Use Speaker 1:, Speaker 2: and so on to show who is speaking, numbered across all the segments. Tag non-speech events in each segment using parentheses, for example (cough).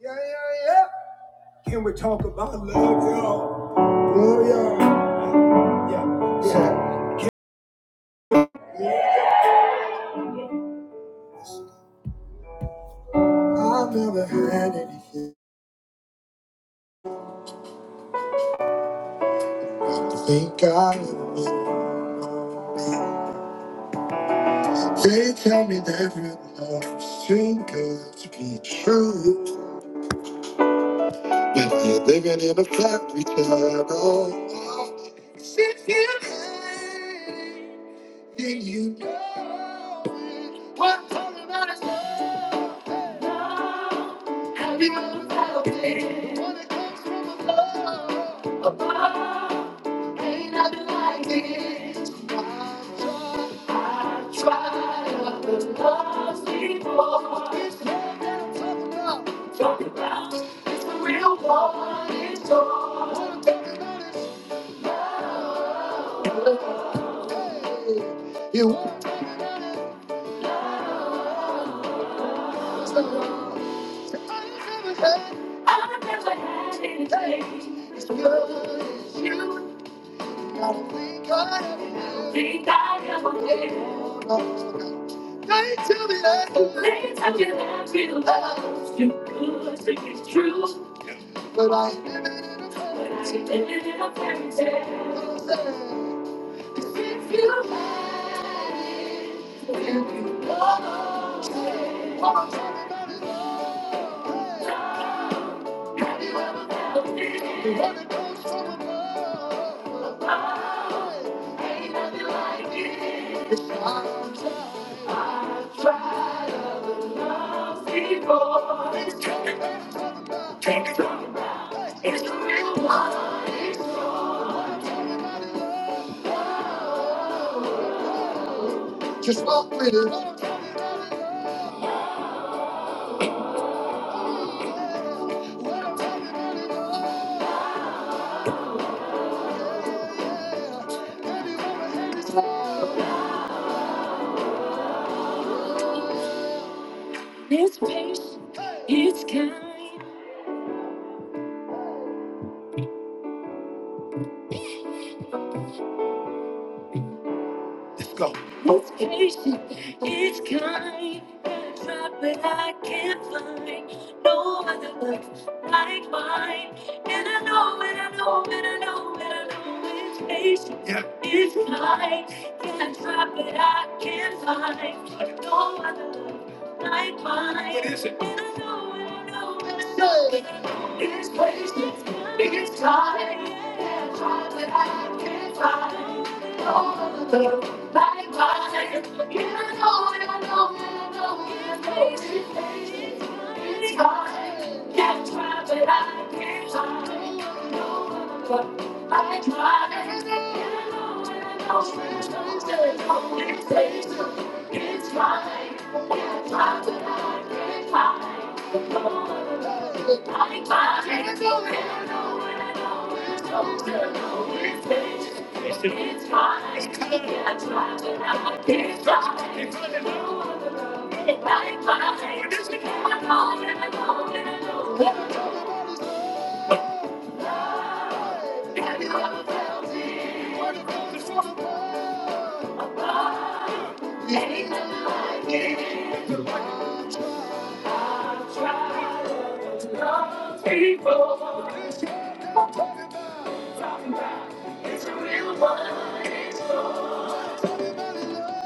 Speaker 1: Yeah, yeah, yeah. Can we talk about love, y'all? Love, y'all. Yeah. yeah. So, I've never had anything to think of. They tell me that real love's too good to be true. But we're living in a factory town. Oh, if you hate, then you know it. what I really love it. When it comes from above. above. Ain't nothing like it. I tried, but the love's before. It's more than I'm talking about. Talking about. It's the real one. It's all. Wanna talk about it? Hey, you wanna talk about it? It's the love. Say, I ain't never had. I've never had anything as good as you. They tell me that they tell me that you love you good, think it's true. But I live in a fairy tale. If you had it, if you had it, all I'm talking about is love. The one that comes from above. Ain't nothing like it. It's I've tried. I've tried before. It's coming back to the mouth. Take the mouth. It's the real one. It's the one everybody love. Love. Just walk with it. What everybody loves. What everybody loves. It's patient, it's kind. Let's go. It's patient, it's kind. It's not but I can't find no other love like mine. And I know, and I know, and I know, and I know it's patient. Yeah. It's kind. Can't try, but I can't find no other love like mine. What is it? And I know, and I know, and I know. These places, these times, and times that I can't find. Oh, the love like mine. You know, you know, you know, you know, these places, these times, and times that I can't find. But I tried and I know it's It's fine. It's fine, but I can't find I tried and I know and I know it's It's fine. I tried and I can't find I tried and I know and I know and I know. People, I'm talking about, talking about, it's a real one. it's a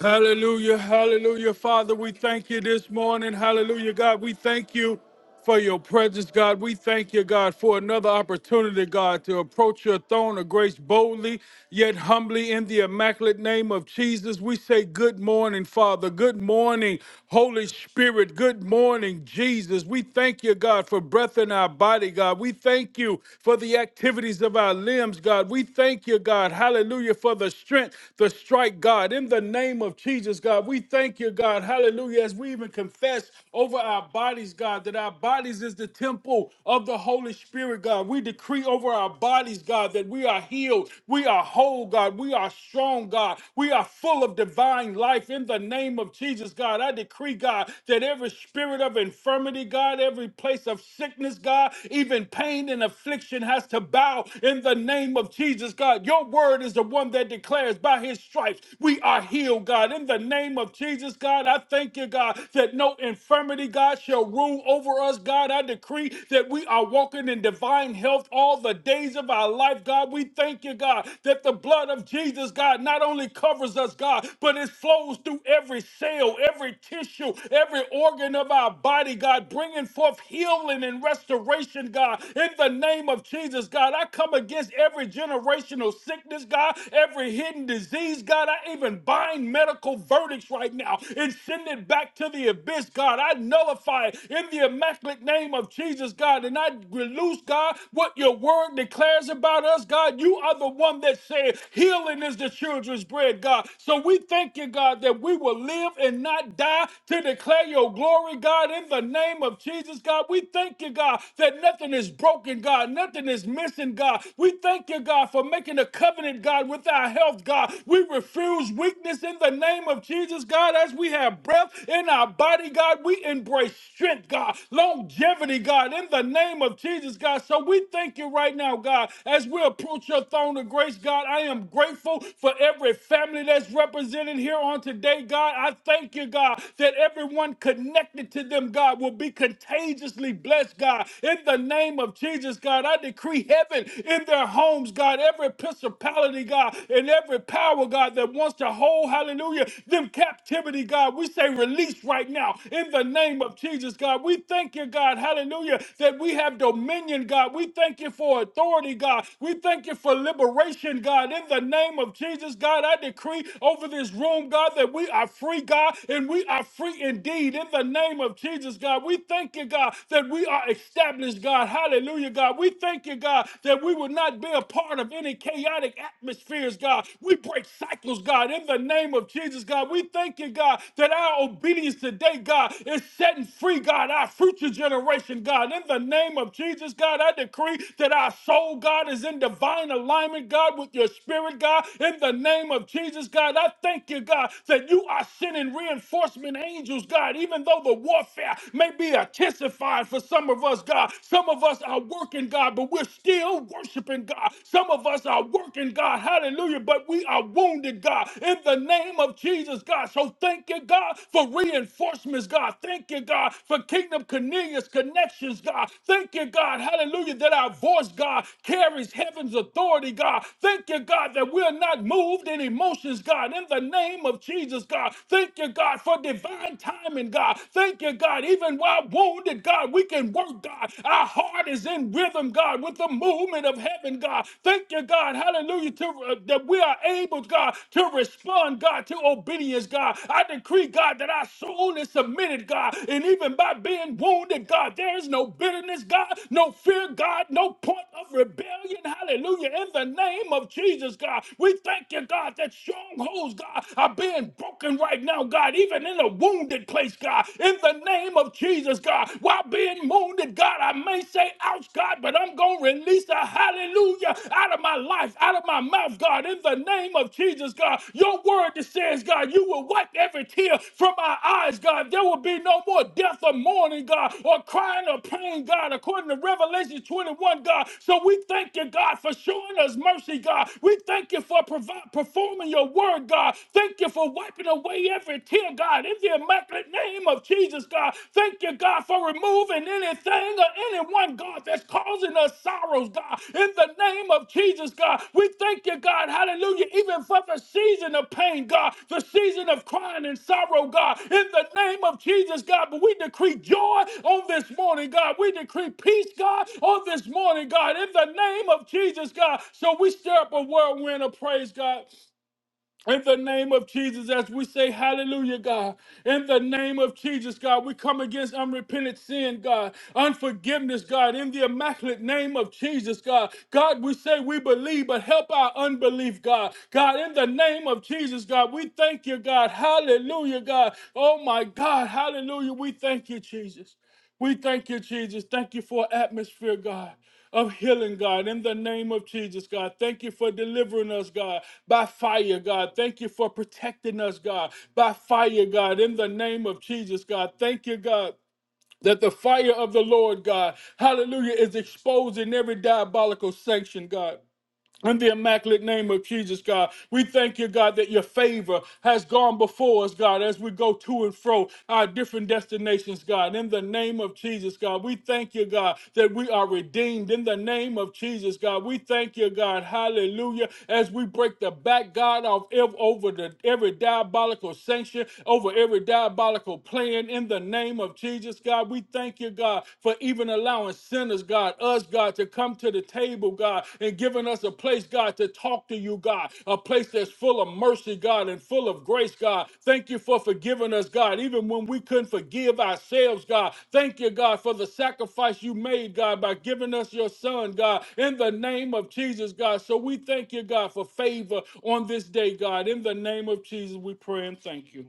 Speaker 1: Hallelujah, hallelujah. Father, we thank you this morning. Hallelujah, God. We thank you for your presence, God. We thank you, God, for another opportunity, God, to approach your throne of grace boldly, yet humbly in the immaculate name of Jesus. We say good morning, Father. Good morning, Holy Spirit. Good morning, Jesus. We thank you, God, for breath in our body, God. We thank you for the activities of our limbs, God. We thank you, God. Hallelujah, for the strength, the to strike, God, in the name of Jesus, God. We thank you, God. Hallelujah. As we even confess over our bodies, God, that our bodies is the temple of the Holy Spirit, God. We decree over our bodies, God, that we are healed. We are whole, God. We are strong, God. We are full of divine life in the name of Jesus, God. I decree, God, that every spirit of infirmity, God, every place of sickness, God, even pain and affliction has to bow in the name of Jesus, God. Your word is is the one that declares by his stripes we are healed, God. In the name of Jesus, God, I thank you, God, that no infirmity, God, shall rule over us, God. I decree that we are walking in divine health all the days of our life, God. We thank you, God, that the blood of Jesus, God, not only covers us, God, but it flows through every cell, every tissue, every organ of our body, God, bringing forth healing and restoration, God. In the name of Jesus, God, I come against every generational sickness, God, every hidden disease, God. I even bind medical verdicts right now and send it back to the abyss, God. I nullify it in the immaculate name of Jesus, God. And I release, God, what your word declares about us, God. You are the one that said healing is the children's bread, God. So we thank you, God, that we will live and not die to declare your glory, God, in the name of Jesus, God. We thank you, God, that nothing is broken, God. Nothing is missing, God. We thank you, God, for making a covenant, God, with our health, God. We refuse weakness in the name of Jesus, God. As we have breath in our body, God, we embrace strength, God, longevity, God, in the name of Jesus, God. So we thank you right now, God, as we approach your throne of grace, God. I am grateful for every family that's represented here on today, God. I thank you, God, that everyone connected to them, God, will be contagiously blessed, God, in the name name of Jesus, God, I decree heaven in their homes, God, every principality, God, and every power, God, that wants to hold, hallelujah, them captivity, God. We say release right now in the name of Jesus, God. We thank you, God, hallelujah, that we have dominion, God. We thank you for authority, God. We thank you for liberation, God. In the name of Jesus, God, I decree over this room, God, that we are free, God, and we are free indeed. In the name of Jesus, God, we thank you, God, that that we are established, God. Hallelujah, God. We thank you, God, that we will not be a part of any chaotic atmospheres, God. We break cycles, God, in the name of Jesus, God. We thank you, God, that our obedience today, God, is setting free, God, our future generation, God. In the name of Jesus, God, I decree that our soul, God, is in divine alignment, God, with your spirit, God. In the name of Jesus, God, I thank you, God, that you are sending reinforcement angels, God, even though the warfare may be intensified for some of us, God. Some of us are working, God, but we're still worshiping God. Some of us are working, God, hallelujah, but we are wounded, God, in the name of Jesus, God. So thank you, God, for reinforcements, God. Thank you, God, for Kingdom Cornelius connections, God. Thank you, God, hallelujah, that our voice, God, carries heaven's authority, God. Thank you, God, that we're not moved in emotions, God, in the name of Jesus, God. Thank you, God, for divine timing empowerment, God. Thank you, God. Even while wounded, God, we can work, God. Our heart is in rhythm, God, with the movement of heaven, God. Thank you, God. Hallelujah. To, uh, that we are able, God, to respond, God, to obedience, God. I decree, God, that our soul is submitted, God. And even by being wounded, God, there is no bitterness, God, no fear, God, no point of rebellion. Hallelujah. In the name of Jesus, God, we thank you, God, that strongholds, God, are being broken right now. God, even in a wounded place, God, in the name of Jesus, God, while being wounded, God, I may say, ouch, God, but I'm going to release a hallelujah out of my life, out of my mouth, God, in the name of Jesus, God. Your word that says, God, you will wipe every tear from our eyes, God. There will be no more death or mourning, God, or crying or pain, God, according to Revelation 21, God. So we thank you, God, for showing us mercy, God. We thank you for provi- performing your word, God. Thank. Thank you for wiping away every tear, God, in the immaculate name of Jesus, God. Thank you, God, for removing anything or anyone, God, that's causing us sorrows, God, in the name of Jesus, God. We thank you, God, hallelujah, even for the season of pain, God, the season of crying and sorrow, God, in the name of Jesus, God. But we decree joy on this morning, God. We decree peace, God, on this morning, God, in the name of Jesus, God. So we stir up a whirlwind of praise, God. In the name of Jesus, as we say hallelujah, God. In the name of Jesus, God, we come against unrepentant sin, God, unforgiveness, God, in the immaculate name of Jesus, God. God, we say we believe, but help our unbelief, God. God, in the name of Jesus, God, we thank you, God. Hallelujah, God. Oh my God, hallelujah. We thank you, Jesus. We thank you, Jesus. Thank you for atmosphere, God of healing, God, in the name of Jesus, God. Thank you for delivering us, God, by fire, God. Thank you for protecting us, God, by fire, God, in the name of Jesus, God. Thank you, God. That the fire of the Lord God, hallelujah, is exposing every diabolical sanction, God. In the immaculate name of Jesus, God, we thank you, God, that your favor has gone before us, God, as we go to and fro our different destinations, God. In the name of Jesus, God, we thank you, God, that we are redeemed. In the name of Jesus, God, we thank you, God, hallelujah, as we break the back, God, off ev- over the, every diabolical sanction, over every diabolical plan. In the name of Jesus, God, we thank you, God, but even allowing sinners, God, us, God, to come to the table, God, and giving us a place, God, to talk to you, God, a place that's full of mercy, God, and full of grace, God. Thank you for forgiving us, God, even when we couldn't forgive ourselves, God. Thank you, God, for the sacrifice you made, God, by giving us your son, God, in the name of Jesus, God. So we thank you, God, for favor on this day, God. In the name of Jesus, we pray and thank you.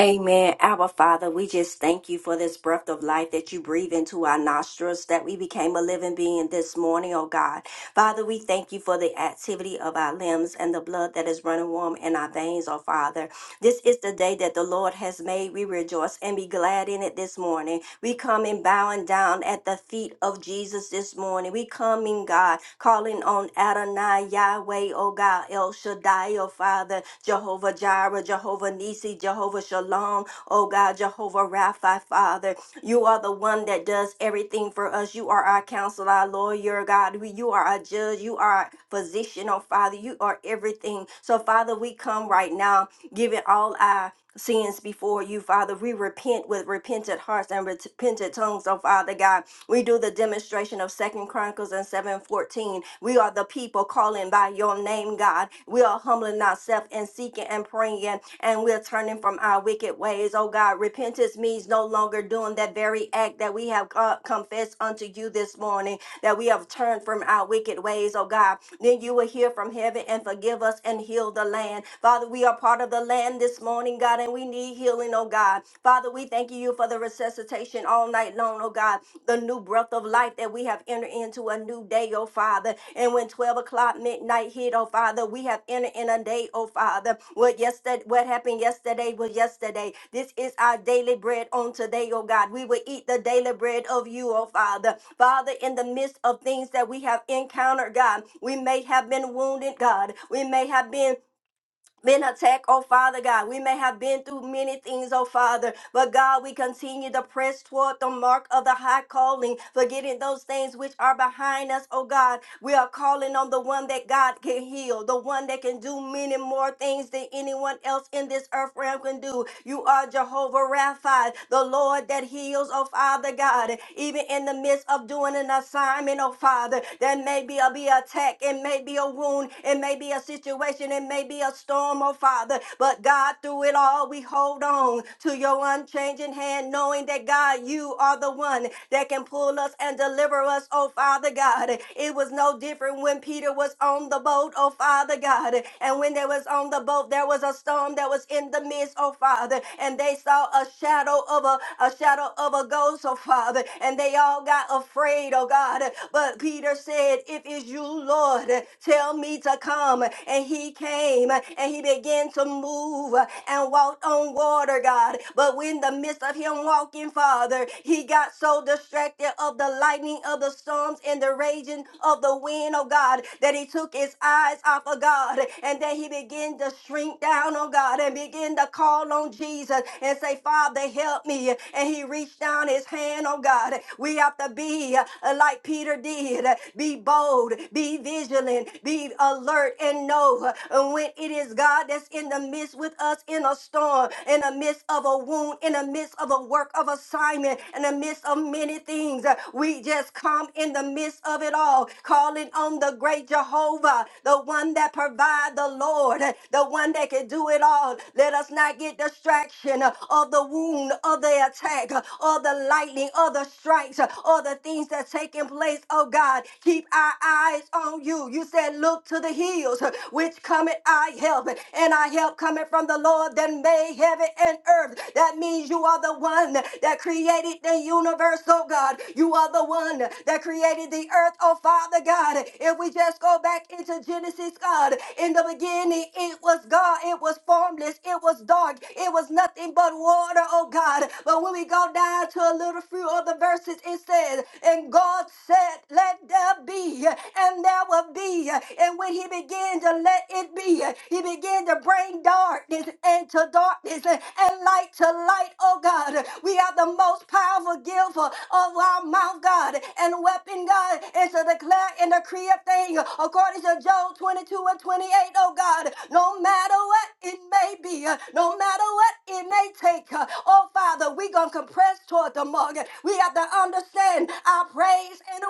Speaker 2: Amen. Our Father, we just thank you for this breath of life that you breathe into our nostrils, that we became a living being this morning, oh God. Father, we thank you for the activity of our limbs and the blood that is running warm in our veins, oh Father. This is the day that the Lord has made. We rejoice and be glad in it this morning. We come in bowing down at the feet of Jesus this morning. We come in God, calling on Adonai, Yahweh, O God, El Shaddai, O Father, Jehovah Jireh, Jehovah Nisi, Jehovah Shalom, O God, Jehovah Rapha, Father. You are the one that does everything for us. You are are our counselor, our lawyer, God. We, you are our judge. You are our physician, oh Father. You are everything. So, Father, we come right now giving all our sins before you, Father. We repent with repentant hearts and repentant tongues, oh Father God. We do the demonstration of Second Chronicles and 7:14. We are the people calling by your name, God. We are humbling ourselves and seeking seeking and praying, and we're turning from our wicked ways. Oh God, repentance means no longer doing that very act that we have uh, confessed unto you this morning, that we have turned from our wicked ways. Oh God, then you will hear from heaven and forgive us and heal the land. Father, we are part of the land this morning, God, and we need healing, oh God. Father, we thank you for the resuscitation all night long, oh God the new breath of life that we have entered into a new day, oh Father. And when 12 o'clock midnight hit, oh Father, we have entered in a day, oh Father. What yesterday what happened yesterday was yesterday. This is our daily bread on today, oh God. We will eat the daily bread of you, oh Father. Father, in the midst of things that we have encountered, God, we may have been wounded, God. We may have been been attacked, oh Father God. We may have been through many things, oh Father, but God, we continue to press toward the mark of the high calling, forgetting those things which are behind us, oh God. We are calling on the one that God can heal, the one that can do many more things than anyone else in this earth realm can do. You are Jehovah Rapha, the Lord that heals, oh Father God, even in the midst of doing an assignment, oh Father, there may be a, be attack, it may be a wound, it may be a situation, it may be a storm storm, oh Father. But God, through it all, we hold on to your unchanging hand, knowing that God, you are the one that can pull us and deliver us, oh Father God. It was no different when Peter was on the boat, oh Father God. And when they was on the boat, there was a storm that was in the midst, oh Father. And they saw a shadow of a, a shadow of a ghost, oh Father. And they all got afraid, oh God. But Peter said, If it's you, Lord, tell me to come. And he came. and and he began to move uh, and walked on water, God. But in the midst of him walking, Father, he got so distracted of the lightning of the storms and the raging of the wind, oh God, that he took his eyes off of God and then he began to shrink down, oh God, and begin to call on Jesus and say, Father, help me. And he reached down his hand, oh God. We have to be uh, like Peter did, be bold, be vigilant, be alert, and know uh, when it is is God that's in the midst with us in a storm, in the midst of a wound, in the midst of a work of assignment, in the midst of many things. We just come in the midst of it all, calling on the great Jehovah, the one that provides the Lord, the one that can do it all. Let us not get distraction of the wound, of the attack, or the lightning, or the strikes, or the things that's taking place. Oh God, keep our eyes on you. You said, Look to the hills, which cometh I help help, and our help coming from the Lord that made heaven and earth. That means you are the one that created the universe, oh God. You are the one that created the earth, oh Father God. If we just go back into Genesis, God, in the beginning it was God, it was formless, it was dark, it was nothing but water, oh God. But when we go down to a little few of the verses, it says, And God said, Let there be, and there will be. And when He began to let it be, he began to bring darkness into darkness and light to light, oh God. We are the most powerful gift of our mouth, God, and weapon, God, is to declare and decree a thing according to Job 22 and 28, oh God. No matter what it may be, no matter what it may take, oh Father, we're going to compress toward the mark. We have to understand our praise and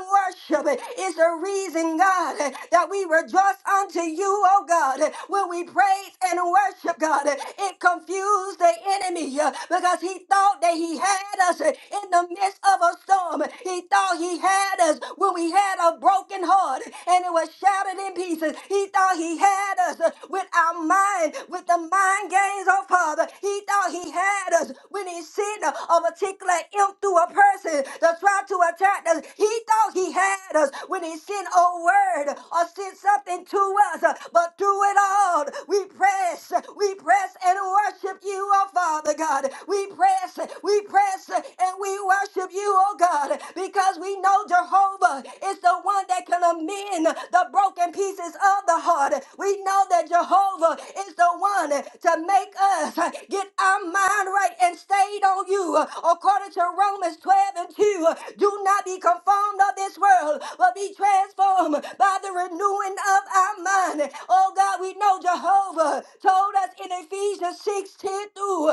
Speaker 2: worship is the reason, God, that we rejoice unto you, oh God. When when we praise and worship God, it confused the enemy uh, because he thought that he had us uh, in the midst of a storm. He thought he had us when we had a broken heart and it was shattered in pieces. He thought he had us uh, with our mind, with the mind games, oh Father. He thought he had us when he sent a a particular imp through a person to try to attack us. He thought he had us when he sent a word or sent something to us, uh, but through it all, Lord. We press, we press and worship you, oh Father God. We press, we press and we worship you, oh God, because we know Jehovah is the one that can amend the broken pieces of the heart. We know that Jehovah is the one to make us get our mind right and stayed on you. According to Romans 12 and 2, do not be conformed of this world, but be transformed by the renewing of our mind. Oh God, we know oh Jehovah, told us in Ephesians 6 ten through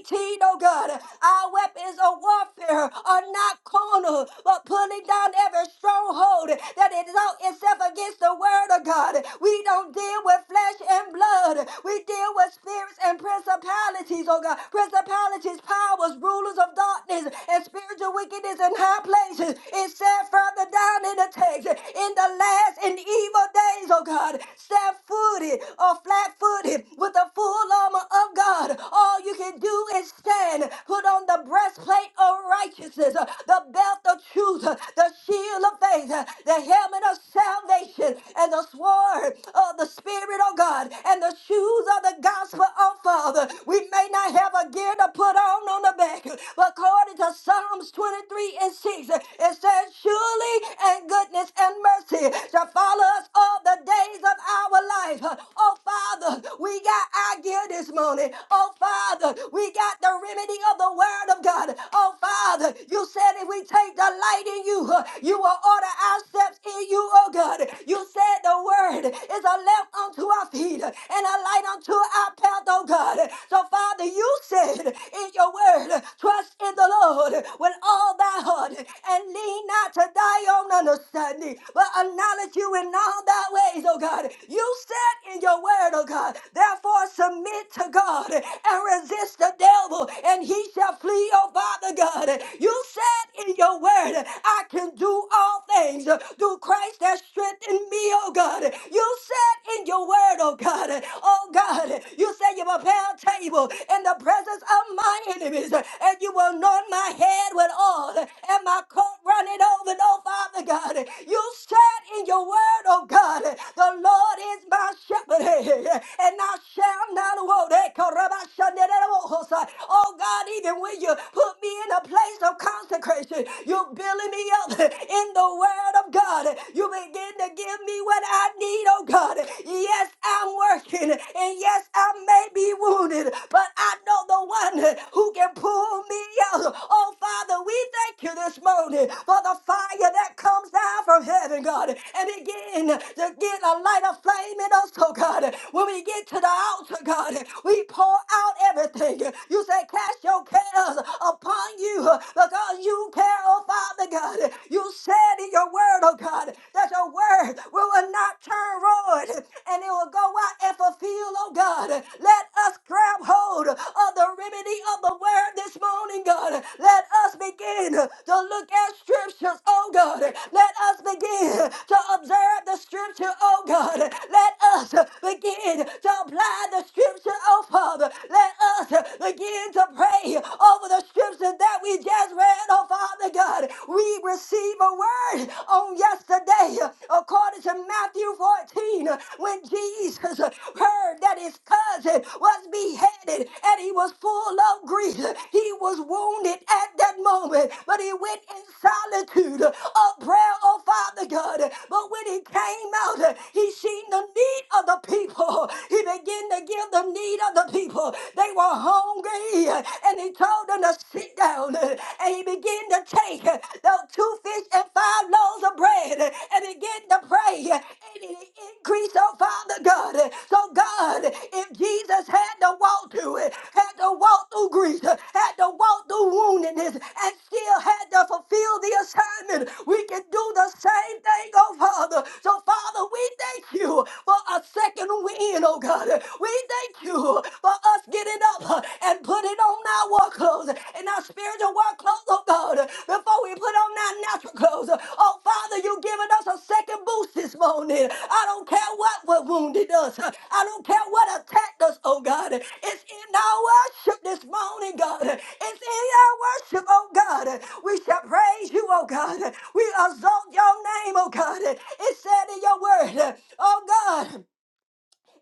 Speaker 2: 18, oh God, our weapons of warfare are not carnal, but pulling down every stronghold that exalt itself against the word of God. We don't deal with flesh and blood, we deal with spirits and principalities, oh God, principalities, powers, rulers of darkness, and spiritual wickedness in high places. It said further down in the text, in the last and evil days, oh God, step footed or flat footed with the full armor of God, all you can do is stand. Put on the breastplate of righteousness, uh, the belt of truth, uh, the shield of faith, uh, the helmet of salvation, and the sword of the Spirit of God, and the shoes of the gospel of Father. We may not have a gear to put on on the back, but according to Psalms 23 and 6, uh, it says, Surely and goodness and mercy shall follow us all the days of our life. uh, Oh, Father, we got our gear this morning. Oh, Father, we got the remedy of the word of God. Oh, Father, you said if we take delight in you, uh, you will order our steps in you, oh God. You said the word is a lamp unto our feet uh, and a light unto our path, oh God. So, Father, you said in your word, trust in the Lord with all thy heart and lean not to thy own understanding, but acknowledge you in all thy ways, oh God. You said in your in your word, oh God. Therefore, submit to God and resist the devil, and he shall flee, oh Father God. You said in your word, I can do all things through Christ that strengthened me, oh God. You said in your word, oh God, oh God, you said you prepare a table in the presence of my enemies, and you will anoint my head with oil, and my cup running over, oh Father God. You said in your word, oh God, the Lord is my shepherd but hey, hey, hey, and I shall not walk. Hey, karabashanderebohosa. Oh God, even when you put me in a place of consecration, you're building me up in the word of God. You begin to give me what I need, oh God. Yes, I'm working, and yes, I may be wounded, but I know the one who can pull me out. Oh Father, we thank you this morning for the fire that comes down from heaven, God, and begin to get a light of flame in us, oh oh God. When we get to the altar, God, we pour out everything. You say, cast your cares upon you because you care, oh Father God. You said in your word, oh God, that your word will not turn void and it will go out and fulfill, oh God. Let us grab hold of the remedy of the word this morning, God. Let us begin to look at scriptures, oh God. Let us begin to observe the scripture, oh God. Let us us begin to apply the scripture, oh Father. Let us begin to pray over the scripture that we just read, oh Father God. We receive a word on yesterday according to Matthew 14 when Jesus heard that his cousin was beheaded and he was full of grief. He was wounded at that moment, but he went in solitude of prayer, oh Father God. But when he came out, he seen the need of the people. He began to give the need of the people. They were hungry and he told them to sit down. And he began to take those two fish and five loaves of bread and begin to pray. And it increased, oh Father God. So God, if Jesus had to walk through it, had to walk through grief, had to walk through woundedness, and still had to fulfill the assignment, we can do the same thing, oh Father. So Father, we thank you for our second win, oh God. We thank you for us getting up and putting on our work clothes and our spiritual work clothes, oh God, before we put on our natural clothes. Oh Father, you've given us a second boost this morning. I don't care what what wounded us. I don't care what attacked us, oh God. It's in our worship this morning, God. It's in our worship, oh God. We shall praise you, oh God. We exalt your name, oh God. It said in your word, oh God.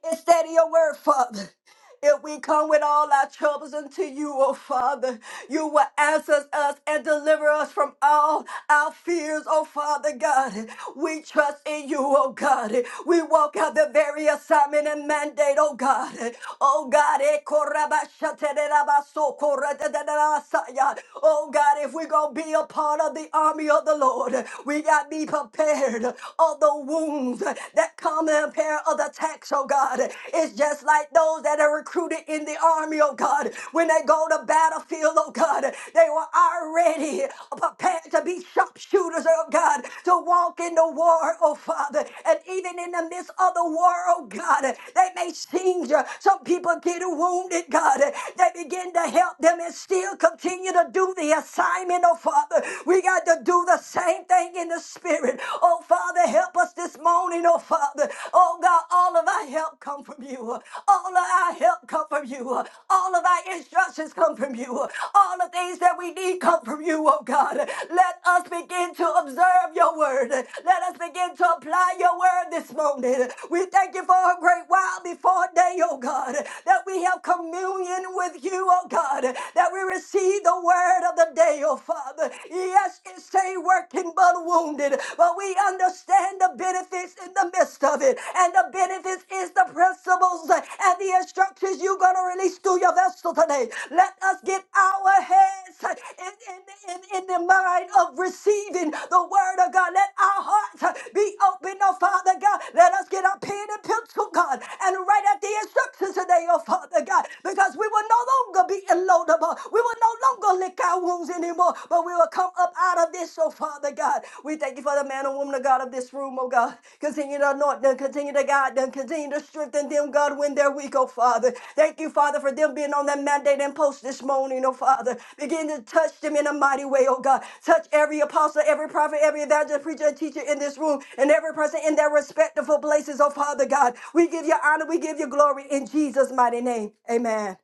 Speaker 2: Instead of your word, Father. If we come with all our troubles unto you, O Father, you will answer us and deliver us from all our fears, O Father God. We trust in you, O God. We walk out the very assignment and mandate, O God. O God, eh, korabashatererabaso, koradedederabasaya. O God, if we're going to be a part of the army of the Lord, we got to be prepared of the wounds that come in pair of the attacks, oh God. It's just like those that are recruited in the army, oh God. When they go to battlefield, oh God, they were already prepared to be sharpshooters, oh God, to walk in the war, oh Father. And even in the midst of the war, oh God, they may sting you. Some people get wounded, God. They begin to help them and still continue to do the assignment, oh Father. We got to do the same thing in the spirit, oh Father. Father, help us this morning, oh Father. Oh God, all of our help come from you. All of our help come from you. All of our instructions come from you. All the things that we need come from you, oh God. Let us begin to observe your word. Let us begin to apply your word this morning. We thank you for a great while before day, oh God, that we have communion with you, oh God, that we receive the word of the day, oh Father. Yes, stay working but wounded, but we understand the benefits in the midst of it. And the benefits is the principles and the instructions you're going to release through your vessel today. Let us get our heads in, in, in, in the mind of receiving the word of God. Let our hearts be open, oh Father God. Let us get our pen and pencil, God, and write out the instructions today, oh Father God, because we will no longer be illodable. We will no longer or lick our wounds anymore, but we will come up out of this, oh Father God. We thank you for the man and woman of God of this room, oh God. Continue to anoint them, continue to guide them, continue to strengthen them, God, when they're weak, oh Father. Thank you, Father, for them being on that mandate and post this morning, oh Father. Begin to touch them in a mighty way, oh God. Touch every apostle, every prophet, every evangelist, preacher, and teacher in this room, and every person in their respective places, oh Father God. We give you honor, we give you glory in Jesus' mighty name. Amen.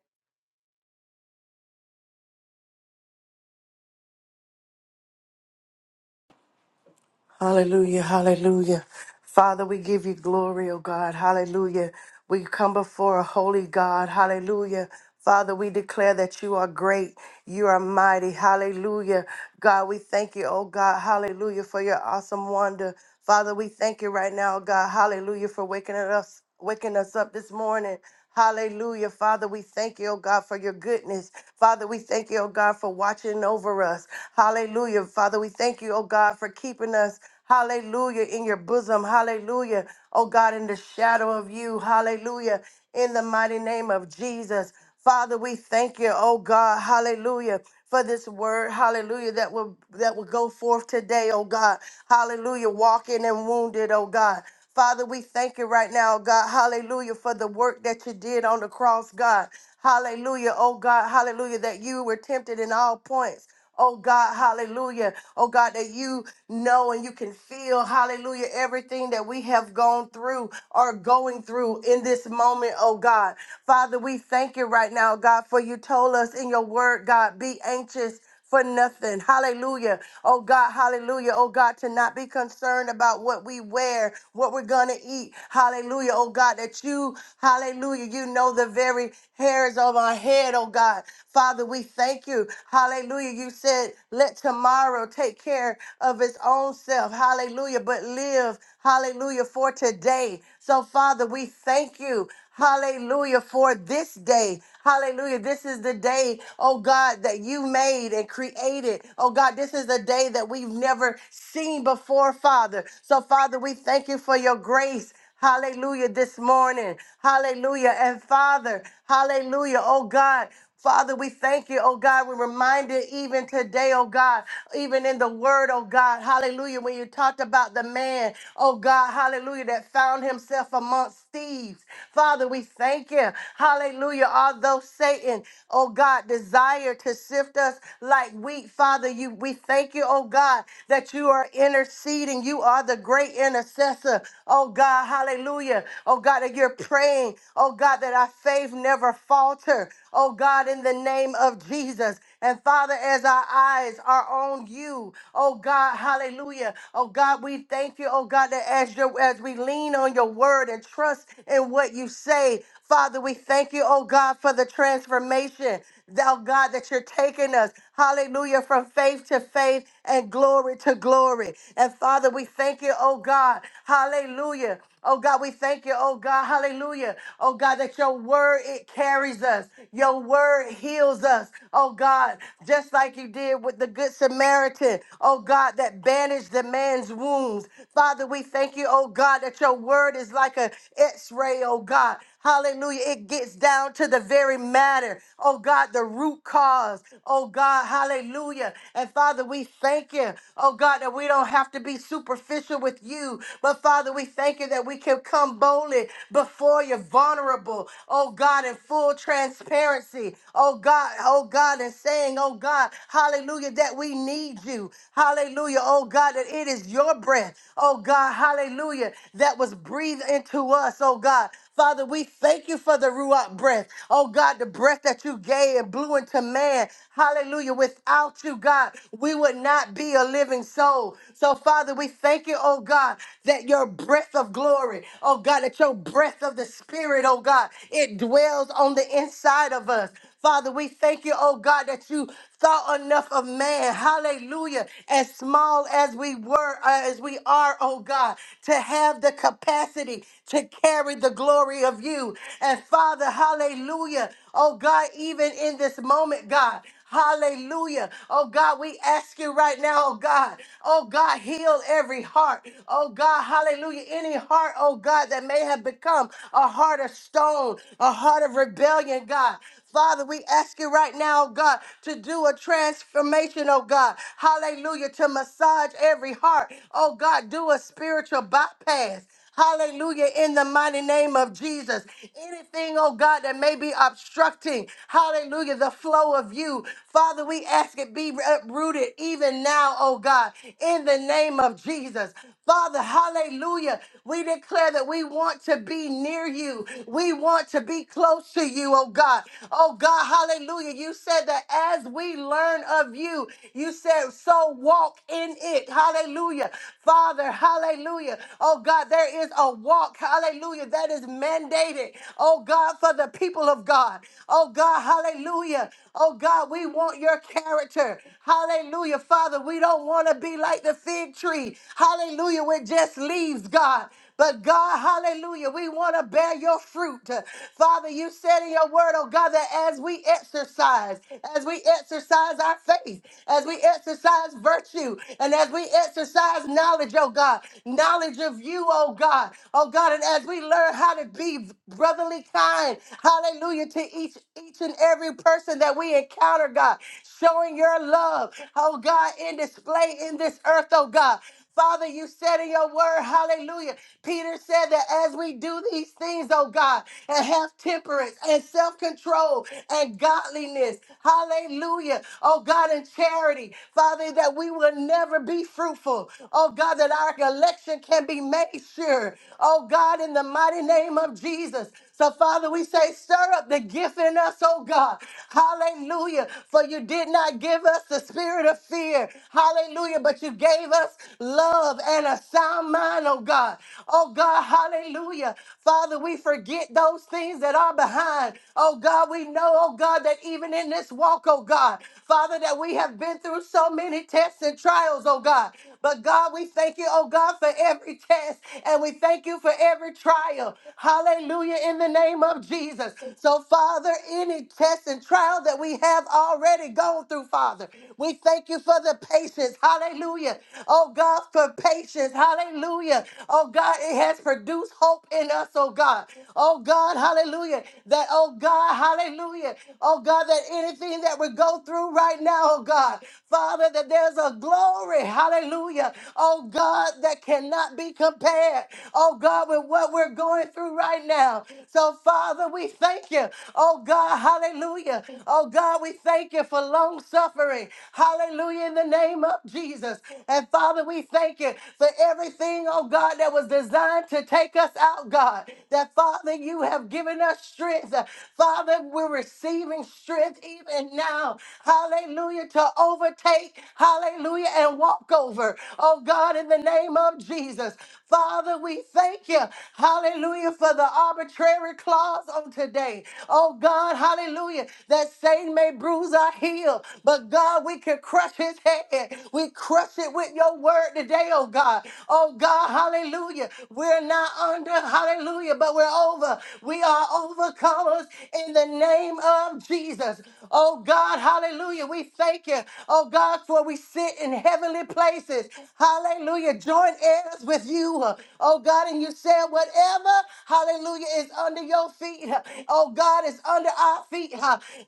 Speaker 3: Hallelujah, hallelujah. Father, we give you glory, oh God. Hallelujah. We come before a holy God. Hallelujah. Father, we declare that you are great. You are mighty. Hallelujah. God, we thank you, oh God. Hallelujah for your awesome wonder. Father, we thank you right now, God. Hallelujah for waking us waking us up this morning. Hallelujah. Father, we thank you, oh God, for your goodness. Father, we thank you, oh God, for watching over us. Hallelujah. Father, we thank you, oh God, for keeping us. Hallelujah. In your bosom. Hallelujah. Oh God, in the shadow of you. Hallelujah. In the mighty name of Jesus. Father, we thank you, oh God, hallelujah, for this word, hallelujah, that will that will go forth today, oh God. Hallelujah, walking and wounded, oh God. Father, we thank you right now, God. Hallelujah for the work that you did on the cross, God. Hallelujah, oh God. Hallelujah that you were tempted in all points. Oh God, hallelujah. Oh God, that you know and you can feel, hallelujah, everything that we have gone through or going through in this moment, oh God. Father, we thank you right now, God, for you told us in your word, God, be anxious for nothing. Hallelujah. Oh God, hallelujah. Oh God, to not be concerned about what we wear, what we're going to eat. Hallelujah. Oh God, that you, hallelujah, you know the very hairs of our head. Oh God, Father, we thank you. Hallelujah. You said, let tomorrow take care of its own self. Hallelujah. But live, hallelujah, for today. So, Father, we thank you. Hallelujah. For this day. Hallelujah. This is the day, oh God, that you made and created. Oh God, this is a day that we've never seen before, Father. So, Father, we thank you for your grace. Hallelujah this morning. Hallelujah. And Father, hallelujah. Oh God, Father, we thank you, oh God. We're reminded even today, oh God, even in the word, oh God, hallelujah, when you talked about the man, oh God, hallelujah, that found himself amongst thieves. Father, we thank you, hallelujah. Although Satan, oh God, desired to sift us like wheat, Father, you we thank you, oh God, that you are interceding. You are the great intercessor, oh God, hallelujah, oh God, that you're praying, oh God, that our faith never falters altar, oh God, in the name of Jesus. And Father, as our eyes are on you, oh God, hallelujah. Oh God, we thank you, oh God, that as, your, as we lean on your word and trust in what you say, Father, we thank you, oh God, for the transformation thou God, that you're taking us, hallelujah, from faith to faith and glory to glory. And Father, we thank you, oh God, hallelujah. Oh God, we thank you, oh God, hallelujah. Oh God, that your word, it carries us. Your word heals us, oh God, just like you did with the Good Samaritan, oh God, that bandaged the man's wounds. Father, we thank you, oh God, that your word is like an x ray, oh God. Hallelujah. It gets down to the very matter oh God, the root cause, oh God, hallelujah. And Father, we thank you, oh God, that we don't have to be superficial with you, but Father, we thank you that we can come boldly before you, vulnerable, oh God, in full transparency, oh God, oh God, and saying, oh God, hallelujah, that we need you, hallelujah, oh God, that it is your breath, oh God, hallelujah, that was breathed into us, oh God, Father, we thank you for the Ruach breath. Oh God, the breath that you gave and blew into man. Hallelujah. Without you, God, we would not be a living soul. So, Father, we thank you, oh God, that your breath of glory, oh God, that your breath of the Spirit, oh God, it dwells on the inside of us. Father, we thank you, oh God, that you thought enough of man. Hallelujah. As small as we were, uh, as we are, oh God, to have the capacity to carry the glory of you. And Father, hallelujah. Oh God, even in this moment, God, Hallelujah. Oh God, we ask you right now, oh God. Oh God, heal every heart. Oh God, hallelujah. Any heart, oh God, that may have become a heart of stone, a heart of rebellion, God. Father, we ask you right now, oh God, to do a transformation, oh God. Hallelujah. To massage every heart. Oh God, do a spiritual bypass. Hallelujah. In the mighty name of Jesus. Anything, oh God, that may be obstructing, hallelujah, the flow of you. Father, we ask it be uprooted even now, oh God, in the name of Jesus. Father, hallelujah. We declare that we want to be near you. We want to be close to you, oh God. Oh God, hallelujah. You said that as we learn of you, you said, so walk in it. Hallelujah. Father, hallelujah. Oh God, there is a walk, hallelujah, that is mandated, oh God, for the people of God. Oh God, hallelujah. Oh God, we want your character. Hallelujah. Father, we don't want to be like the fig tree tree, hallelujah, with just leaves, God. But God, hallelujah, we want to bear your fruit. Father, you said in your word, oh God, that as we exercise, as we exercise our faith, as we exercise virtue, and as we exercise knowledge, oh God, knowledge of you, oh God, oh God, and as we learn how to be brotherly kind, hallelujah, to each each and every person that we encounter, God, showing your love, oh God, in display in this earth, oh God. Father, you said in your word, hallelujah. Peter said that as we do these things, oh God, and have temperance and self control and godliness, hallelujah, oh God, and charity, Father, that we will never be fruitful, oh God, that our election can be made sure, oh God, in the mighty name of Jesus. So, Father, we say, stir up the gift in us, oh God. Hallelujah. For you did not give us the spirit of fear. Hallelujah. But you gave us love and a sound mind, oh God. Oh God, hallelujah. Father, we forget those things that are behind. Oh God, we know, oh God, that even in this walk, oh God, Father, that we have been through so many tests and trials, oh God. But God, we thank you, oh God, for every test and we thank you for every trial. Hallelujah, in the name of Jesus. So, Father, any test and trial that we have already gone through, Father, we thank you for the patience. Hallelujah. Oh God, for patience. Hallelujah. Oh God, it has produced hope in us, oh God. Oh God, hallelujah. That, oh God, hallelujah. Oh God, that anything that we go through right now, oh God, Father, that there's a glory. Hallelujah. Hallelujah. Oh God, that cannot be compared. Oh God, with what we're going through right now. So Father, we thank you. Oh God, hallelujah. Oh God, we thank you for long suffering. Hallelujah in the name of Jesus. And Father, we thank you for everything, oh God, that was designed to take us out, God. That Father, you have given us strength. Father, we're receiving strength even now. Hallelujah to overtake. Hallelujah and walk walkover. Oh God, in the name of Jesus. Father, we thank you. Hallelujah for the arbitrary clause on today. Oh God, hallelujah. That Satan may bruise our heel, but God, we can crush his head. We crush it with your word today, oh God. Oh God, hallelujah. We're not under, hallelujah, but we're over. We are overcomers in the name of Jesus. Oh God, hallelujah. We thank you. Oh God, for we sit in heavenly heavenly places. Hallelujah. Join heirs with you. Oh God, and you said whatever, hallelujah, is under your feet. Oh God, is under our feet.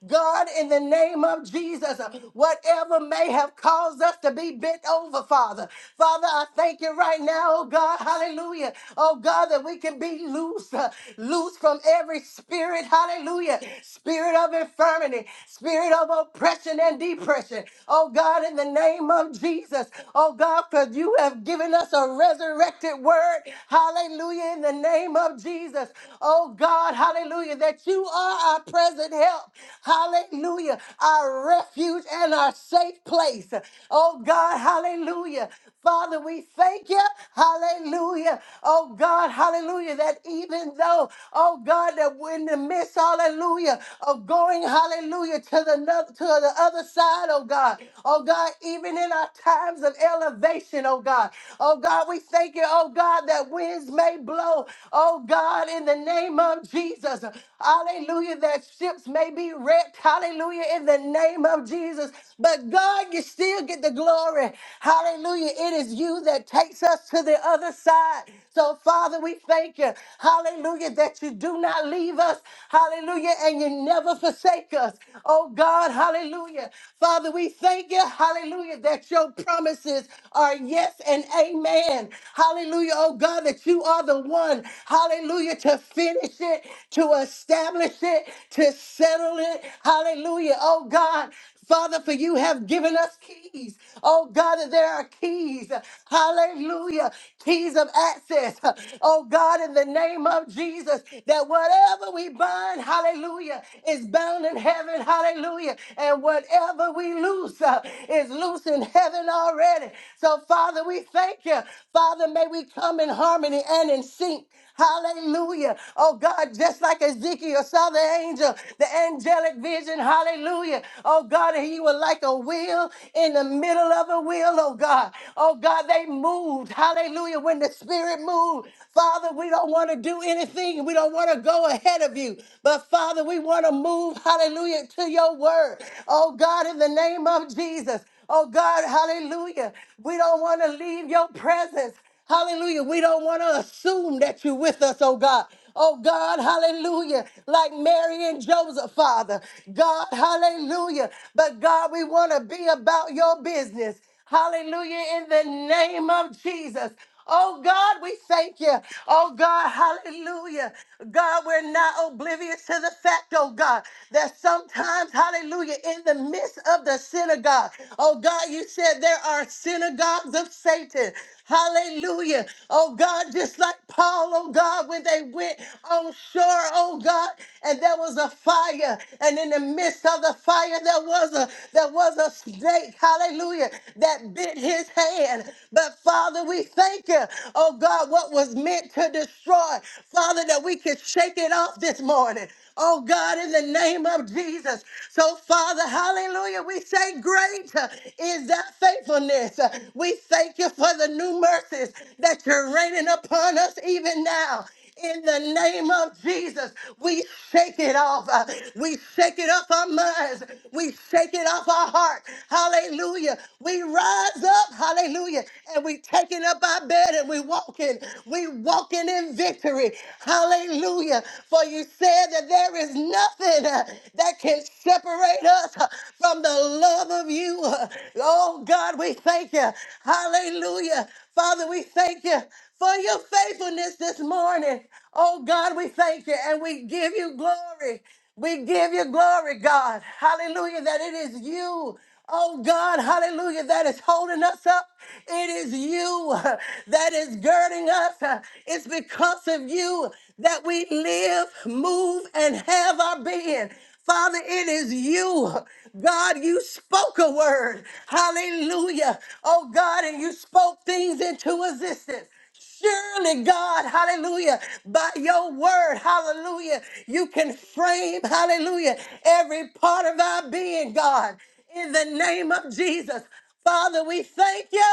Speaker 3: God, in the name of Jesus, whatever may have caused us to be bent over, Father. Father, I thank you right now, oh God, hallelujah. Oh God, that we can be loose, uh, loose from every spirit, hallelujah. Spirit of infirmity, spirit of oppression and depression. Oh God, in the name of Jesus. Jesus. Oh God, because you have given us a resurrected word. Hallelujah. In the name of Jesus. Oh God, hallelujah. That you are our present help. Hallelujah. Our refuge and our safe place. Oh God, hallelujah. Father, we thank you. Hallelujah. Oh God, hallelujah. That even though, oh God, that we're in the midst, hallelujah, of going, hallelujah, to the no- to the other side, oh God. Oh God, even in our God, times of elevation, oh God. Oh God, we thank you, oh God, that winds may blow, oh God, in the name of Jesus. Hallelujah, that ships may be wrecked. Hallelujah, in the name of Jesus. But God, you still get the glory. Hallelujah, it is you that takes us to the other side. So, Father, we thank you. Hallelujah, that you do not leave us. Hallelujah, and you never forsake us. Oh God, hallelujah. Father, we thank you. Hallelujah. that Lord, that your promises are yes and amen. Hallelujah, oh God, that you are the one, hallelujah, to finish it, to establish it, to settle it. Hallelujah, oh God. Father, for you have given us keys. Oh God, and there are keys. Hallelujah. Keys of access. Oh God, in the name of Jesus, that whatever we bind, hallelujah, is bound in heaven. Hallelujah. And whatever we loose uh, is loose truth in heaven already. So, Father, we thank you. Father, may we come in harmony and in sync. Hallelujah. Oh God, just like Ezekiel saw the angel, the angelic vision. Hallelujah. Oh God, and you were like a wheel in the middle of a wheel, oh God. Oh God, they moved. Hallelujah. When the spirit moved, Father, we don't want to do anything. We don't want to go ahead of you. But Father, we want to move, hallelujah, to your word. Oh God, in the name of Jesus. Oh God, hallelujah. We don't want to leave your presence. Hallelujah. We don't want to assume that you're with us, oh God. Oh God, hallelujah. Like Mary and Joseph, Father. God, hallelujah. But God, we want to be about your business. Hallelujah. In the name of Jesus. Oh God, we thank you. Oh God, hallelujah. God, we're not oblivious to the fact, oh God, that sometimes, hallelujah, in the midst of the synagogue, oh God, you said there are synagogues of Satan. Hallelujah. Oh God, just like Paul, oh God, when they went on shore, oh God, and there was a fire, and in the midst of the fire, there was a there was a snake. Hallelujah spirit that bit his hand. But Father, we thank you, oh God, what was meant to destroy, Father, that we could shake it off this morning. Oh God, in the name of Jesus. So, Father, hallelujah, we say, Great uh, is thy faithfulness. Uh, We thank you for the new mercies that you're raining upon us even now. In the name of Jesus, we shake it off. Uh, We shake it off our minds. We shake it off our heart. Hallelujah. We rise up. Hallelujah. And we taking up our bed and we walking. We walking in victory. Hallelujah. For you said that there is nothing uh, that can separate us uh, from the love of you. Uh, Oh God, we thank you. Hallelujah. Father, we thank you for your faithfulness this morning. Oh God, we thank you and we give you glory. We give you glory, God. Hallelujah, that it is you. Oh God, hallelujah, that is holding us up. It is you (laughs) that is girding us. It's because of you that we live, move, and have our being. Father, it is you. God, you spoke a word. Hallelujah. Oh God, and you spoke things into existence. Surely, God, hallelujah, by your word, hallelujah, you can frame, hallelujah, every part of our being, God, in the name of Jesus. Father, we thank you.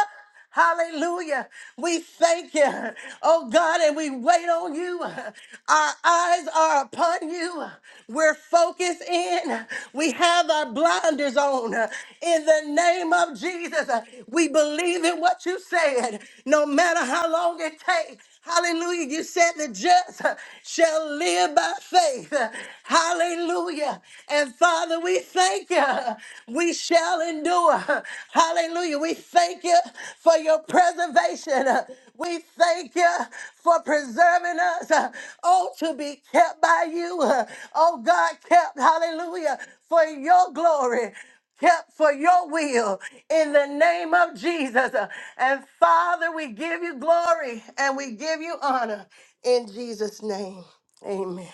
Speaker 3: Hallelujah. We thank you, oh God, and we wait on you. Our eyes are upon you. We're focused in. We have our blinders on. In the name of Jesus, we we believe in what you said, no matter how long it takes. Hallelujah. You said the just shall live by faith. Hallelujah. And Father, we thank you. We shall endure. Hallelujah. We thank you for your preservation. We thank you for preserving us. Oh, to be kept by you. Oh, God, kept. Hallelujah. For your glory kept for your will in the name of Jesus. And Father, we give you glory and we give you honor in Jesus' name. Amen.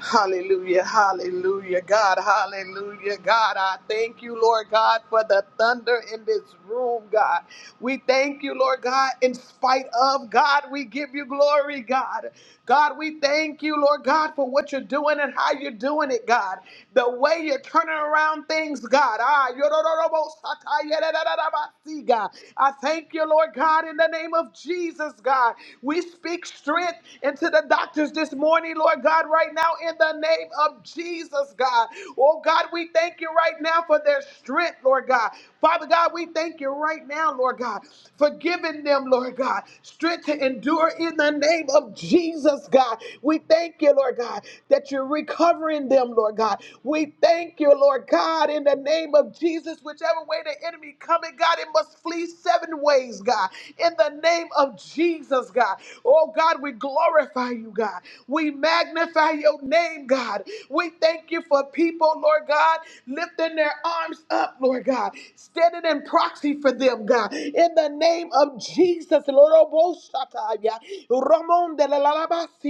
Speaker 4: Hallelujah, hallelujah, God, hallelujah, God. I thank you, Lord God, for the thunder in this room, God. We thank you, Lord God, in spite of God, we give you glory, God. God, we thank you, Lord God, for what you're doing and how you're doing it, God. The way you're turning around things, God. Ah, yorororobo satayerererabasi, God. I thank you, Lord God. God, in the name of Jesus, God. We speak strength into the doctors this morning, Lord God, right now, in the name of Jesus, God. Oh, God, we thank you right now for their strength, Lord God. Father God, we thank you right now, Lord God, for giving them, Lord God, strength to endure in the name of Jesus, God. We thank you, Lord God, that you're recovering them, Lord God. We thank Thank you, Lord God, in the name of Jesus. Whichever way the enemy coming, God, it must flee seven ways, God. In the name of Jesus, God. Oh, God, we glorify you, God. We magnify your name, God. We thank you for people, Lord God, lifting their arms up, Lord God, standing in proxy for them, God. In the name of Jesus, Lord, oh, Boshataya. Ramon de la la la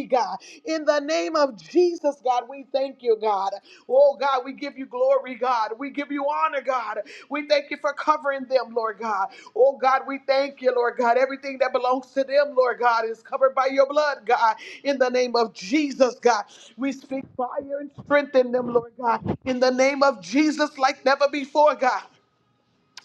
Speaker 4: God. In the name of Jesus, God, we thank you, God. Oh, God, we give you glory, God. We give you honor, God. We thank you for covering them, Lord God. Oh, God, we thank you, Lord God. Everything that belongs to them, Lord God, is covered by your blood, God. In the name of Jesus, God, we speak fire and strengthen them, Lord God. In the name of Jesus, like never before, God.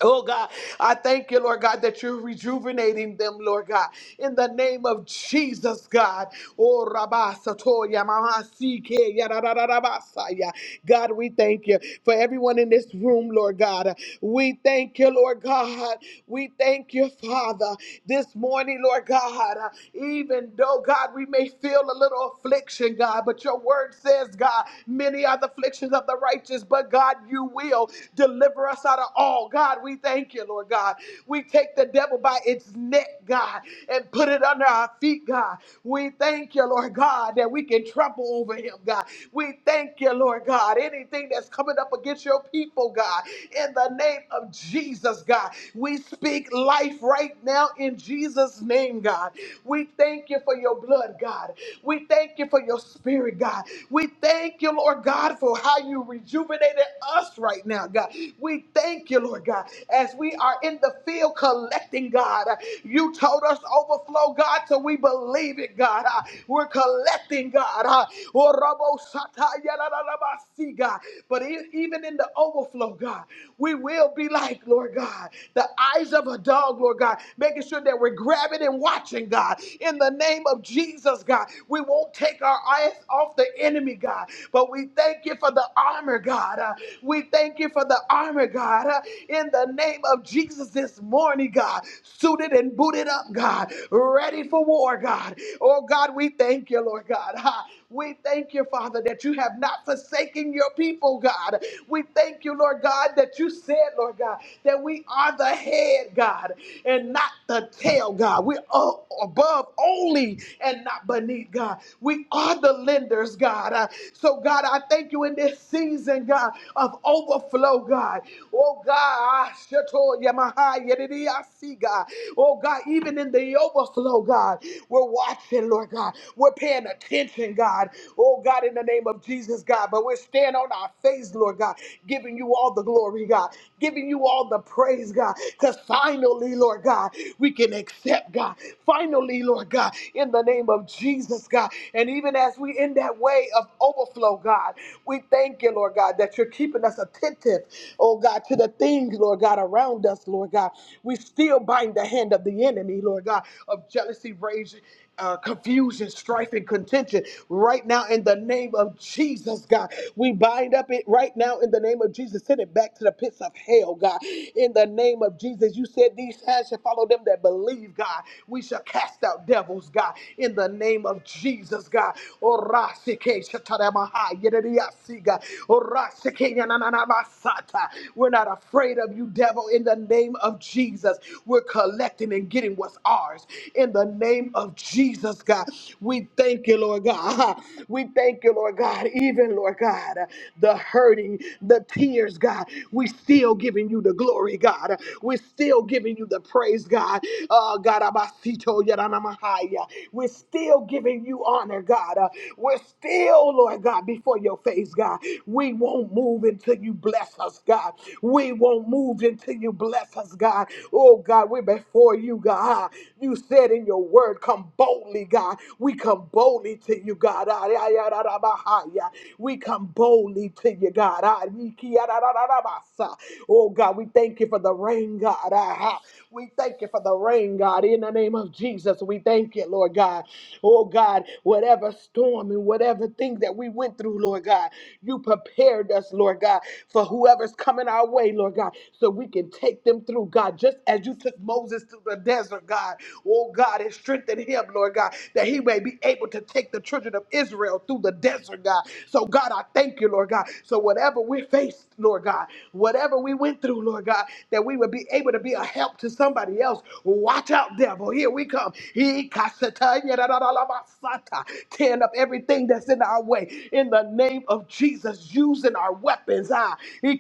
Speaker 4: Oh God, I thank you, Lord God, that you're rejuvenating them, Lord God, in the name of Jesus, God. Oh Rabba Satoya, Mama CK, ya, da, da, da, da, ba, sa, ya. God, we thank you for everyone in this room, Lord God. We thank you, Lord God. We thank you, Father, this morning, Lord God. Even though, God, we may feel a little affliction, God, but your word says, God, many are the afflictions of the righteous, but God, you will deliver us out of all. God, God, we thank you, Lord God. We take the devil by its neck, God, and put it under our feet, God. We thank you, Lord God, that we can trample over him, God. We thank you, Lord God. Anything that's coming up against your people, God, in the name of Jesus, God, we speak life right now in Jesus' name, God. We thank you for your blood, God. We thank you for your spirit, God. We thank you, Lord God, for how you rejuvenated us right now, God. We thank you, Lord God. God, as we are in the field collecting, God, you told us overflow, God, so we believe it, God. Uh, We're collecting, God. Uh, oh, Robo Sata, yada, la da, ba, see, God. But e- even in the overflow, God, we will be like, Lord God, the eyes of a dog, Lord God, making sure that we're grabbing and watching, God. In the name of Jesus, God, we won't take our eyes off the enemy, God. But we thank you for the armor, God. Uh, we thank you for the armor, God. Uh, in in the name of Jesus this morning, God, suited and booted up, God, ready for war, God. Oh, God, we thank you, Lord God. Ha. We thank you, Father, that you have not forsaken your people, God. We thank you, Lord God, that you said, Lord God, that we are the head, God, and not the tail, God. We're o- above only and not beneath, God. We are the lenders, God. Uh, so, God, I thank you in this season, God, of overflow, God. Oh, God ah, Sheto Yamaha Yedidi Asiga. Oh God, even in the overflow, God, we're watching, Lord God. We're paying attention, God. Oh God, in the name of Jesus, God. But we're standing on our face, Lord God, giving you all the glory, God, giving you all the praise, God. Because finally, Lord God, we can accept, God. Finally, Lord God, in the name of Jesus, God. And even as we in that way of overflow, God, we thank you, Lord God, that you're keeping us attentive, oh God, to the things things, Lord God, around us, Lord God. We still bind the hand of the enemy, Lord God, of jealousy, rage, uh, confusion, strife, and contention right now in the name of Jesus, God. We bind up it right now in the name of Jesus. Send it back to the pits of hell, God. In the name of Jesus, you said these hands shall follow them that believe, God. We shall cast out devils, God. In the name of Jesus, God. Orasike shataramaha yedidiyasi, God. Orasike yanananabasata. We're not afraid afraid of you, devil, in the name of Jesus. We're collecting and getting what's ours in the name of Jesus, God. We thank you, Lord God. (laughs) We thank you, Lord God. Even, Lord God, the hurting, the tears, God. We still giving you the glory, God. We're still giving you the praise, God. Uh, God, Abasito Yaranamahaya. We're still giving you honor, God. Uh, we're still, Lord God, before your face, God. We won't move until you bless us, God. We won't won't move until you bless us, God. Oh, God, we're before you, God. You said in your word, come boldly, God. We come boldly to you, God. Ah, yeah, yeah, da, da, ba, ha, yeah. We come boldly to you, God. Ah, ye, ki, ah, da, da, da, da, ba, sa. Oh, God, we thank you for the rain, God. Ah, ha. We thank you for the rain, God. In the name of Jesus, we thank you, Lord God. Oh, God, whatever storm and whatever thing that we went through, Lord God, you prepared us, Lord God, for whoever's coming our way, Lord. Lord God, so we can take them through, God, just as you took Moses to the desert, God. Oh, God, and strengthen him, Lord God, that he may be able to take the children of Israel through the desert, God. So, God, I thank you, Lord God. So, whatever we faced, Lord God, whatever we went through, Lord God, that we would be able to be a help to somebody else. Watch out, devil. Here we come. He kasata yadadadalabasata. Tearing up everything that's in our way. In the name of Jesus, using our weapons. Ah, he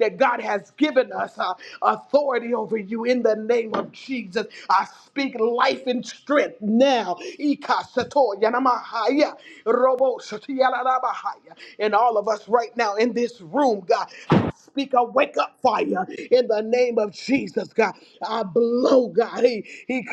Speaker 4: that God has given us uh, authority over you in the name of Jesus. I speak life and strength now. And all of us right now in this room, God, I speak a wake up fire in the name of Jesus, God. I blow, God. He, he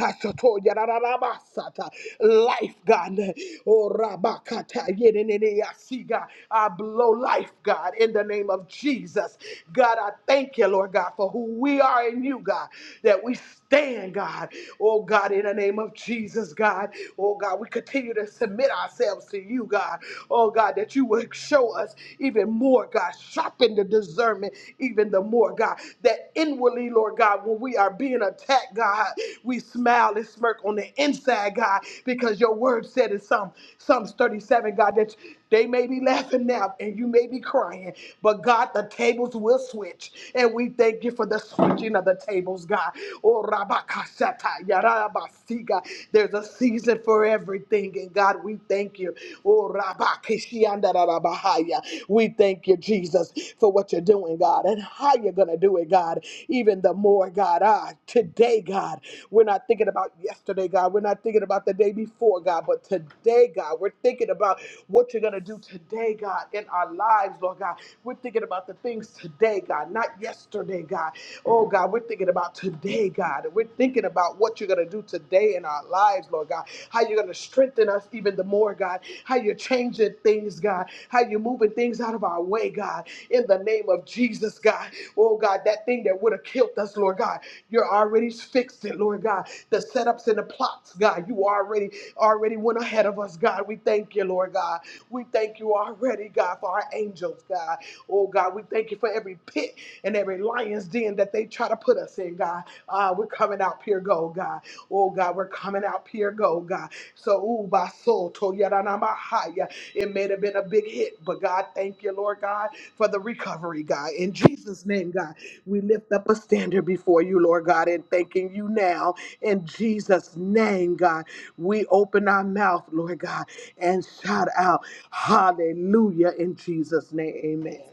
Speaker 4: life, God. Oh, rabakata yedenene yasi, God. I blow life, God, in the name of Jesus. Jesus. God, I thank you, Lord God, for who we are in you, God, that we stand, God. Oh, God, in the name of Jesus, God. Oh, God, we continue to submit ourselves to you, God. Oh, God, that you will show us even more, God. Sharpen the discernment even the more, God. That inwardly, Lord God, when we are being attacked, God, we smile and smirk on the inside, God, because your word said in Psalm Psalms 37, God, that they may be laughing now and you may be crying, but God, the tables will switch. And we thank you for the switching of the tables, God. Oh, Rabakashata, Yarabasiga. There's a season for everything, and God, we thank you. Oh, Rabakishiandarabahaya. We thank you, Jesus, for what you're doing, God, and how you're going to do it, God, even the more, God. Ah, today today, God. We're not thinking about yesterday, God. We're not thinking about the day before, God. But today, God, we're thinking about what you're going to do today, God, in our lives, Lord God. We're thinking about the things today, God, not yesterday, God. Oh, God, we're thinking about today, God. we're thinking about what you're going to do today in our lives, Lord God. How you're going to strengthen us even the more, God. How you're changing things, God. How you're moving moving things out of our way, God, in the name of Jesus, God. Oh, God, that thing that would have killed us, Lord God, you're already fixed it, Lord God. The setups and the plots, God, you already already went ahead of us, God. We thank you, Lord God. We thank you already, God, for our angels, God. Oh, God, we thank you for every pit and every lion's den that they try to put us in, God. Uh, we're coming out pure gold, God. Oh God, we're coming out pure gold, God. So, ooh, by soul, to yadanamahaya. It may have been a big hit, but God, thank you, Lord God, for the recovery, God. In Jesus' name, God, we lift up a standard before you, Lord God, and thanking you now. In Jesus' name, God, we open our mouth, Lord God, and shout out, Hallelujah, in Jesus' name, Amen.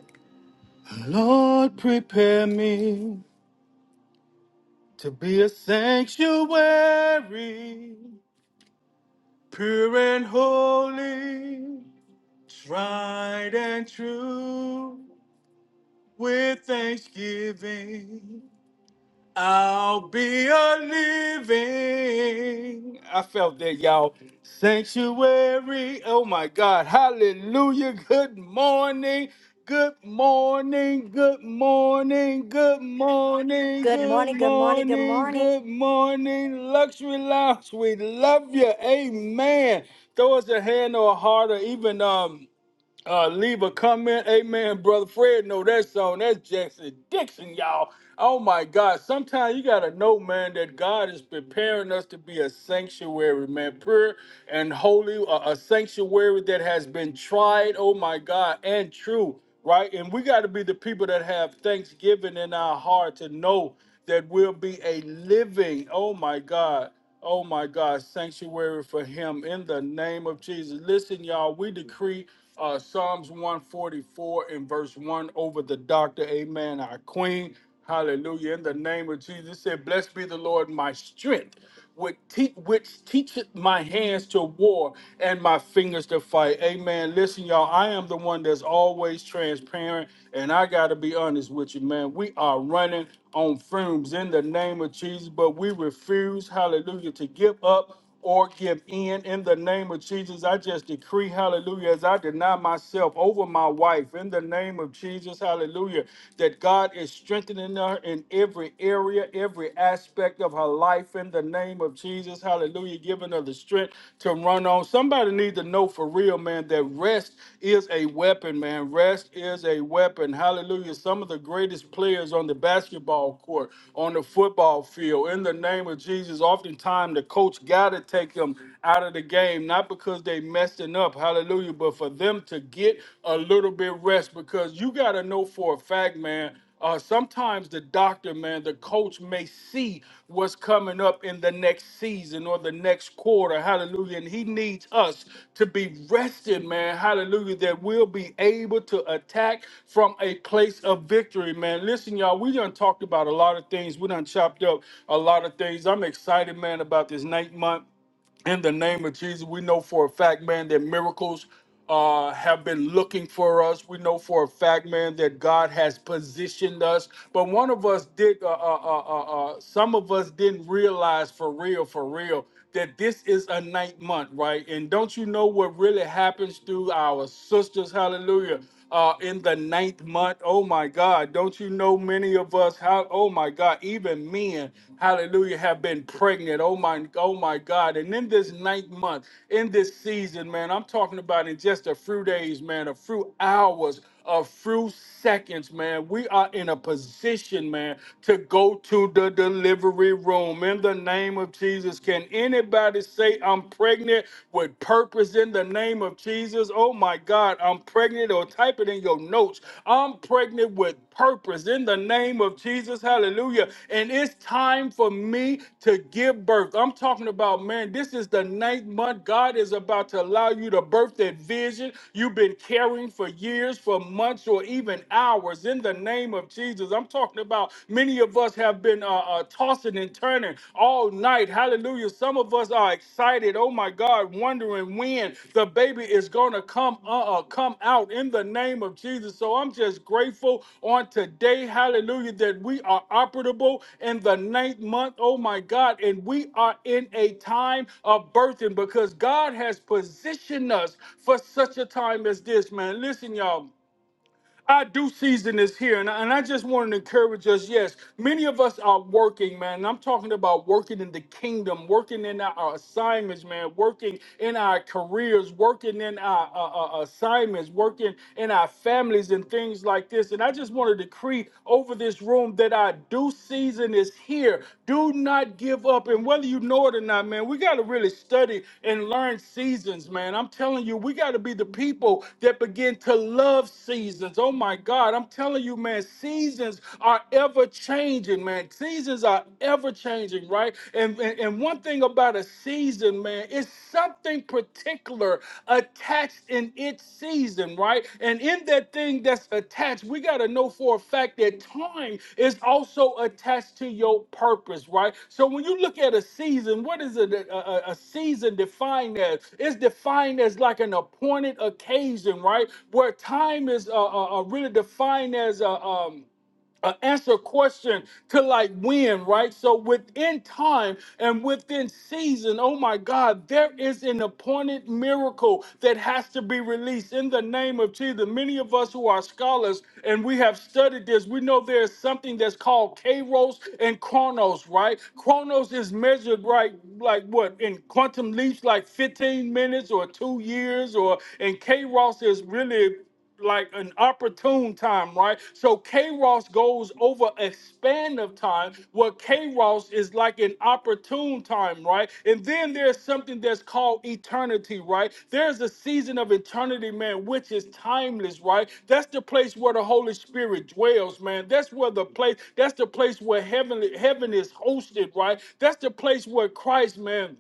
Speaker 1: Thanksgiving. I'll be a living. I felt that, y'all. Sanctuary. Oh my God. Hallelujah. Good morning. Good morning. Good morning. Good morning. Good morning. Good morning. Luxury Lounge. We love you. Amen. Throw us a hand or a heart or even um uh, leave a comment. Amen, brother Fred. Know that song. That's Jackson Dixon, y'all. Oh my God. Sometimes you gotta know, man, that God is preparing us to be a sanctuary, man, pure and holy, a, a sanctuary that has been tried. Oh my God, and true, right? And we gotta be the people that have thanksgiving in our heart to know that we'll be a living. Oh my God. Oh my God, sanctuary for him in the name of Jesus. Listen, y'all, we decree uh, Psalms 144 and verse 1 over the doctor. Amen. Our queen. Hallelujah. In the name of Jesus, it said, Blessed be the Lord, my strength, which, te- which teacheth my hands to war and my fingers to fight. Amen. Listen, y'all, I am the one that's always transparent, and I got to be honest with you, man. We are running on fumes in the name of Jesus, but we refuse, hallelujah, to give up or give in in the name of Jesus. I just decree, hallelujah, as I deny myself over my wife in the name of Jesus, hallelujah, that God is strengthening her in every area, every aspect of her life in the name of Jesus. Hallelujah. Giving her the strength to run on. Somebody need to know for real, man, that rest is a weapon, man. Rest is a weapon. Hallelujah. Some of the greatest players on the basketball court, on the football field, in the name of Jesus, oftentimes the coach got to take them out of the game, not because they messing up. Hallelujah. But for them to get a little bit rest because you got to know for a fact, man, uh, sometimes the doctor, man, the coach may see what's coming up in the next season or the next quarter. Hallelujah. And he needs us to be rested, man. Hallelujah. That we'll be able to attack from a place of victory, man. Listen, y'all, we done talked about a lot of things. We done chopped up a lot of things. I'm excited, man, about this ninth month in the name of Jesus. We know for a fact, man, that miracles uh, have been looking for us. We know for a fact, man, that God has positioned us. But one of us did, uh, uh, uh, uh, uh, some of us didn't realize for real, for real, that this is a ninth month, right? And don't you know what really happens through our sisters? Hallelujah uh, in the ninth month. Oh my God. Don't you know many of us how oh my God, even men, hallelujah, have been pregnant. Oh my oh my God. And in this ninth month, in this season, man, I'm talking about in just a few days, man, a few hours a few seconds, man, we are in a position, man, to go to the delivery room. In the name of Jesus, can anybody say, I'm pregnant with purpose in the name of Jesus? Oh my God, I'm pregnant, or type it in your notes. I'm pregnant with purpose in the name of Jesus. Hallelujah. And it's time for me to give birth. I'm talking about, man, this is the ninth month. God is about to allow you to birth that vision you've been carrying for years, for for months or even hours in the name of Jesus. I'm talking about many of us have been uh, uh, tossing and turning all night. Hallelujah. Some of us are excited. Oh my God, wondering when the baby is going to come uh, uh, come out in the name of Jesus. So I'm just grateful on today. Hallelujah that we are operable in the ninth month. Oh my God, and we are in a time of birthing because God has positioned us for such a time as this, man. Listen, y'all. Our due season is here, and I, and I just want to encourage us. Yes, many of us are working, man. and I'm talking about working in the kingdom, working in our, our assignments, man, working in our careers, working in our uh, uh, uh, assignments, working in our families, and things like this. And I just want to decree over this room that our due season is here. Do not give up. And whether you know it or not, man, we got to really study and learn seasons, man. I'm telling you, we got to be the people that begin to love seasons. Oh my God. I'm telling you, man, seasons are ever changing, man. Seasons are ever changing, right? And, and, and one thing about a season, man, it's something particular attached in its season, right? And in that thing that's attached, we got to know for a fact that time is also attached to your purpose, right? So when you look at a season, what is it? A, a, a season defined as? It's defined as like an appointed occasion, right? Where time is uh, uh, uh, really defined as a. um, uh, answer a question to like when, right? So within time and within season, oh my God, there is an appointed miracle that has to be released in the name of Jesus. Many of us who are scholars and we have studied this, we know there is something that's called Kairos and Chronos, right? Chronos is measured right, like what in quantum leaps, like 15 minutes or two years, or and Kairos is really like an opportune time, right? So Kairos goes over a span of time where Kairos is like an opportune time, right? And then there's something that's called eternity, right? There's a season of eternity, man, which is timeless, right? That's the place where the Holy Spirit dwells, man. That's where the place, that's the place where heavenly heaven is hosted, right? That's the place where Christ, man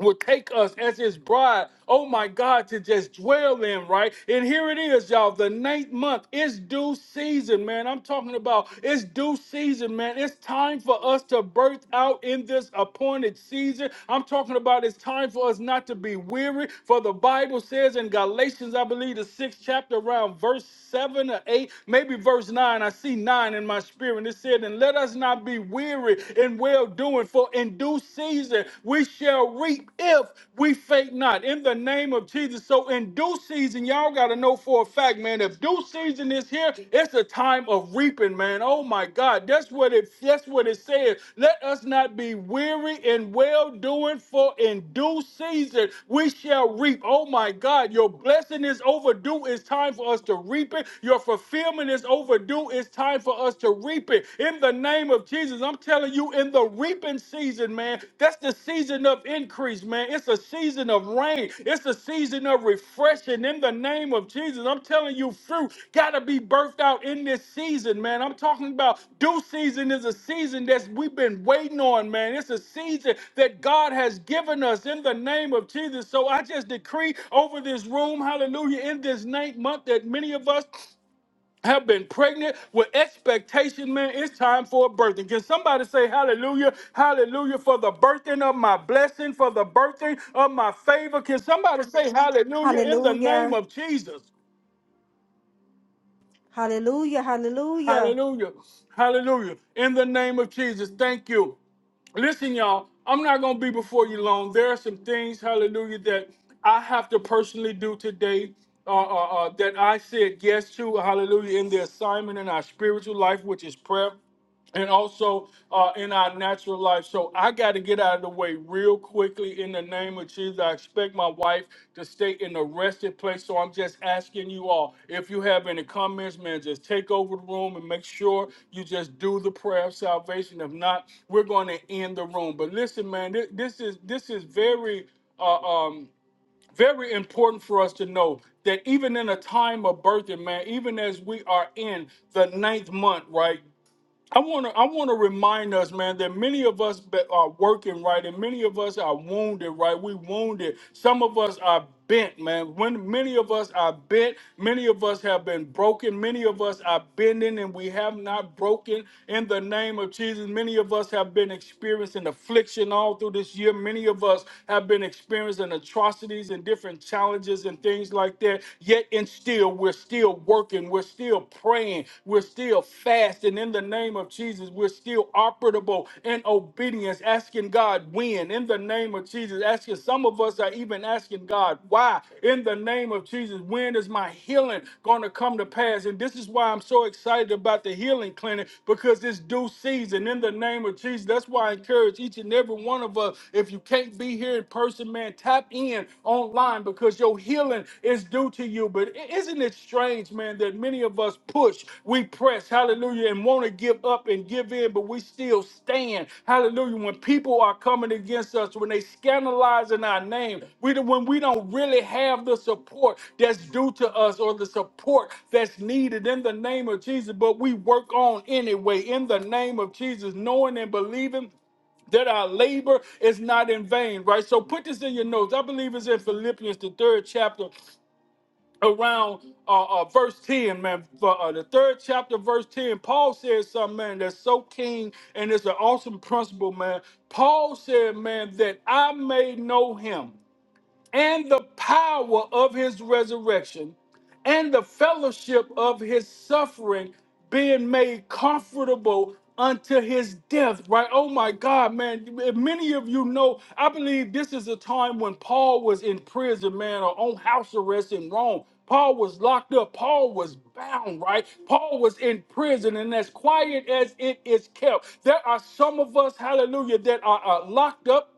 Speaker 1: would take us as his bride, oh my God, to just dwell in, right? And here it is, y'all. The ninth month is due season, man. I'm talking about it's due season, man. It's time for us to birth out in this appointed season. I'm talking about it's time for us not to be weary, for the Bible says in Galatians, I believe the sixth chapter, around verse seven or eight, maybe verse nine. I see nine in my spirit. It said, And let us not be weary in well doing, for in due season we shall reap if we faint not. In the name of Jesus. So in due season, y'all gotta know for a fact, man. If due season is here, it's a time of reaping, man. Oh my God. That's what it that's what it says. Let us not be weary in well doing, for in due season we shall reap. Oh my God. Your blessing is overdue. It's time for us to reap it. Your fulfillment is overdue. It's time for us to reap reaping in the name of Jesus. I'm telling you, in the reaping season, man, that's the season of increase, man. It's a season of rain, it's a season of refreshing in the name of Jesus. I'm telling you, fruit got to be birthed out in this season, man. I'm talking about due season is a season that we've been waiting on, man. It's a season that God has given us in the name of Jesus. So I just decree over this room, hallelujah, in this ninth month that many of us have been pregnant with expectation, man. It's time for a birthing. Can somebody say hallelujah? Hallelujah for the birthing of my blessing, for the birthing of my favor. Can somebody say hallelujah in the name
Speaker 2: Hallelujah.
Speaker 1: of Jesus?
Speaker 2: Hallelujah. Hallelujah.
Speaker 1: Hallelujah. Hallelujah. In the name of Jesus. Thank you. listen, y'all, I'm not going to be before you long. There are some things, hallelujah, that I have to personally do today uh, uh, uh, that I said yes to, hallelujah, in the assignment in our spiritual life, which is prayer. And also uh, in our natural life. So I got to get out of the way real quickly in the name of Jesus. I expect my wife to stay in a rested place. So I'm just asking you all if you have any comments, man, just take over the room and make sure you just do the prayer of salvation. If not, we're going to end the room. But listen, man, this, this is this is very uh, um, very important for us to know that even in a time of birthing, man, even as we are in the ninth month, right? I want to I want to remind us, man, that many of us be- are working right, and many of us are wounded, right? We wounded. Some of us are bent, man. When many of us are bent, many of us have been broken. Many of us are bending, and we have not broken. In the name of Jesus, many of us have been experiencing affliction all through this year. Many of us have been experiencing atrocities and different challenges and things like that. Yet and still, we're still still working, we're still praying, we're still fasting in the name of Jesus. We're still operable in obedience, asking God when in the name of Jesus. Asking some of us are even asking God why in the name of Jesus. When is my healing going to come to pass? And this is why I'm so excited about the healing clinic because it's due season in the name of Jesus. That's why I encourage each and every one of us if you can't be here in person, man, tap in in online because your healing is due to you. But i- isn't it strange, man, that many of us push, we press, hallelujah, and want to give up and give in, but we still stand, hallelujah. When people are coming against us, when they scandalizing our name, we don't- when we don't really have the support that's due to us or the support that's needed in the name of Jesus, but we work on anyway in the name of Jesus, knowing and believing that our labor is not in vain, right? So put this in your notes. I believe it's in Philippians, the third chapter, around uh, uh, verse 10, man. For, uh, the third chapter, verse 10, Paul says something, man, that's so keen and it's an awesome principle, man. Paul said, man, that I may know him and the power of his resurrection and the fellowship of his suffering being made comfortable unto his death right oh my god man many of you know i believe this is a time when paul was in prison man or on house arrest in rome paul was locked up paul was bound right paul was in prison and as quiet as it is kept there are some of us hallelujah that are, are locked up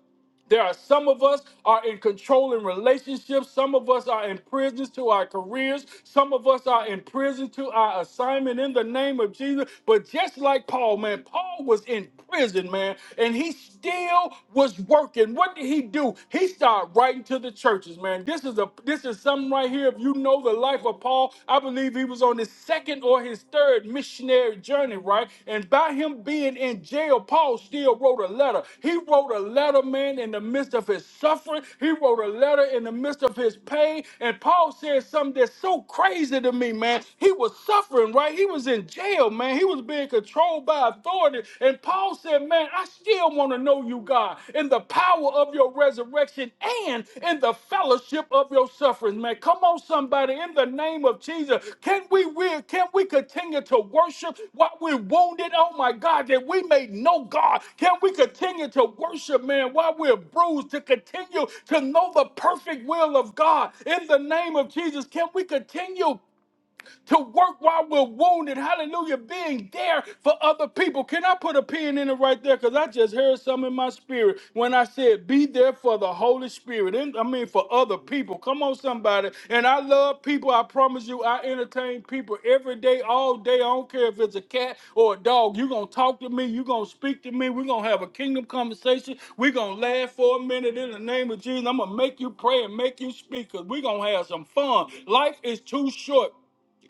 Speaker 1: there are some of us are in controlling relationships. Some of us are in prisons to our careers. Some of us are in prison to our assignment in the name of Jesus. But just like Paul, man, Paul was in prison, man, and he still was working. What did he do? He started writing to the churches, man. This is a this is something right here. If you know the life of Paul, I believe he was on his on his second or his third missionary journey, right? And by him being in jail, Paul still wrote a letter. He wrote a letter, man, in the midst of his suffering. He wrote a letter in the midst of his pain. And Paul said something that's so crazy to me, man. He was suffering, right? He was in jail, man. He was being controlled by authority. And Paul said, man, I still want to know you, God. God, in the power of your resurrection and in the fellowship of your sufferings, man. Come on, somebody, in the name of Jesus. Can we will can we continue to worship while we're wounded? Oh my God, that we may know God. Can we continue to worship, man, while we're bruised, to continue to know the perfect will of God in the name of Jesus? Can we continue? to work while we're wounded. Hallelujah. Being there for other people. Can I put a pin in it right there? Because I just heard some in my spirit when I said, be there for the Holy Spirit. And I mean, for other people. Come on, somebody. And I love people. I promise you, I entertain people every day, all day. I don't care if it's a cat or a dog. You're going to talk to me. You're going to speak to me. We're going to have a kingdom conversation. We're going to laugh for a minute in the name of Jesus. I'm going to make you pray and make you speak because we're going to have some fun. Life is too short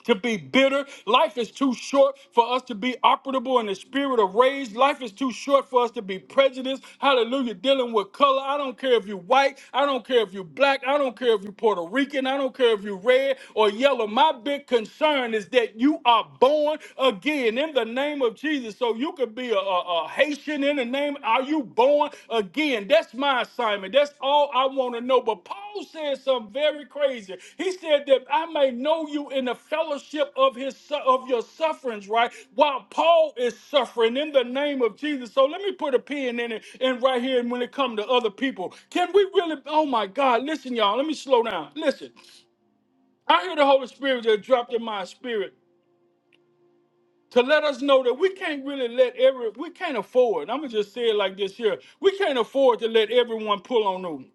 Speaker 1: to be bitter. Life is too short for us to be operable in the spirit of rage. Life is too short for us to be prejudiced. Hallelujah. Dealing with color. I don't care if you're white. I don't care if you're black. I don't care if you're Puerto Rican. I don't care if you're red or yellow. My big concern is that you are born again in the name of Jesus. So you could be a, a a Haitian in the name are you born again? That's my assignment. That's all I want to know. But Paul said something very crazy. He said that I may know you in the fellowship of his su- of your sufferings, right? While Paul is suffering in the name of Jesus. So let me put a pin in it and right here And when it comes to other people. Can we really oh my God, listen, y'all. Let me slow down. Listen. I hear the Holy Spirit just dropped in my spirit to let us know that we can't really let every we can't afford. I'm gonna just say it like this here: we can't afford to let everyone pull on us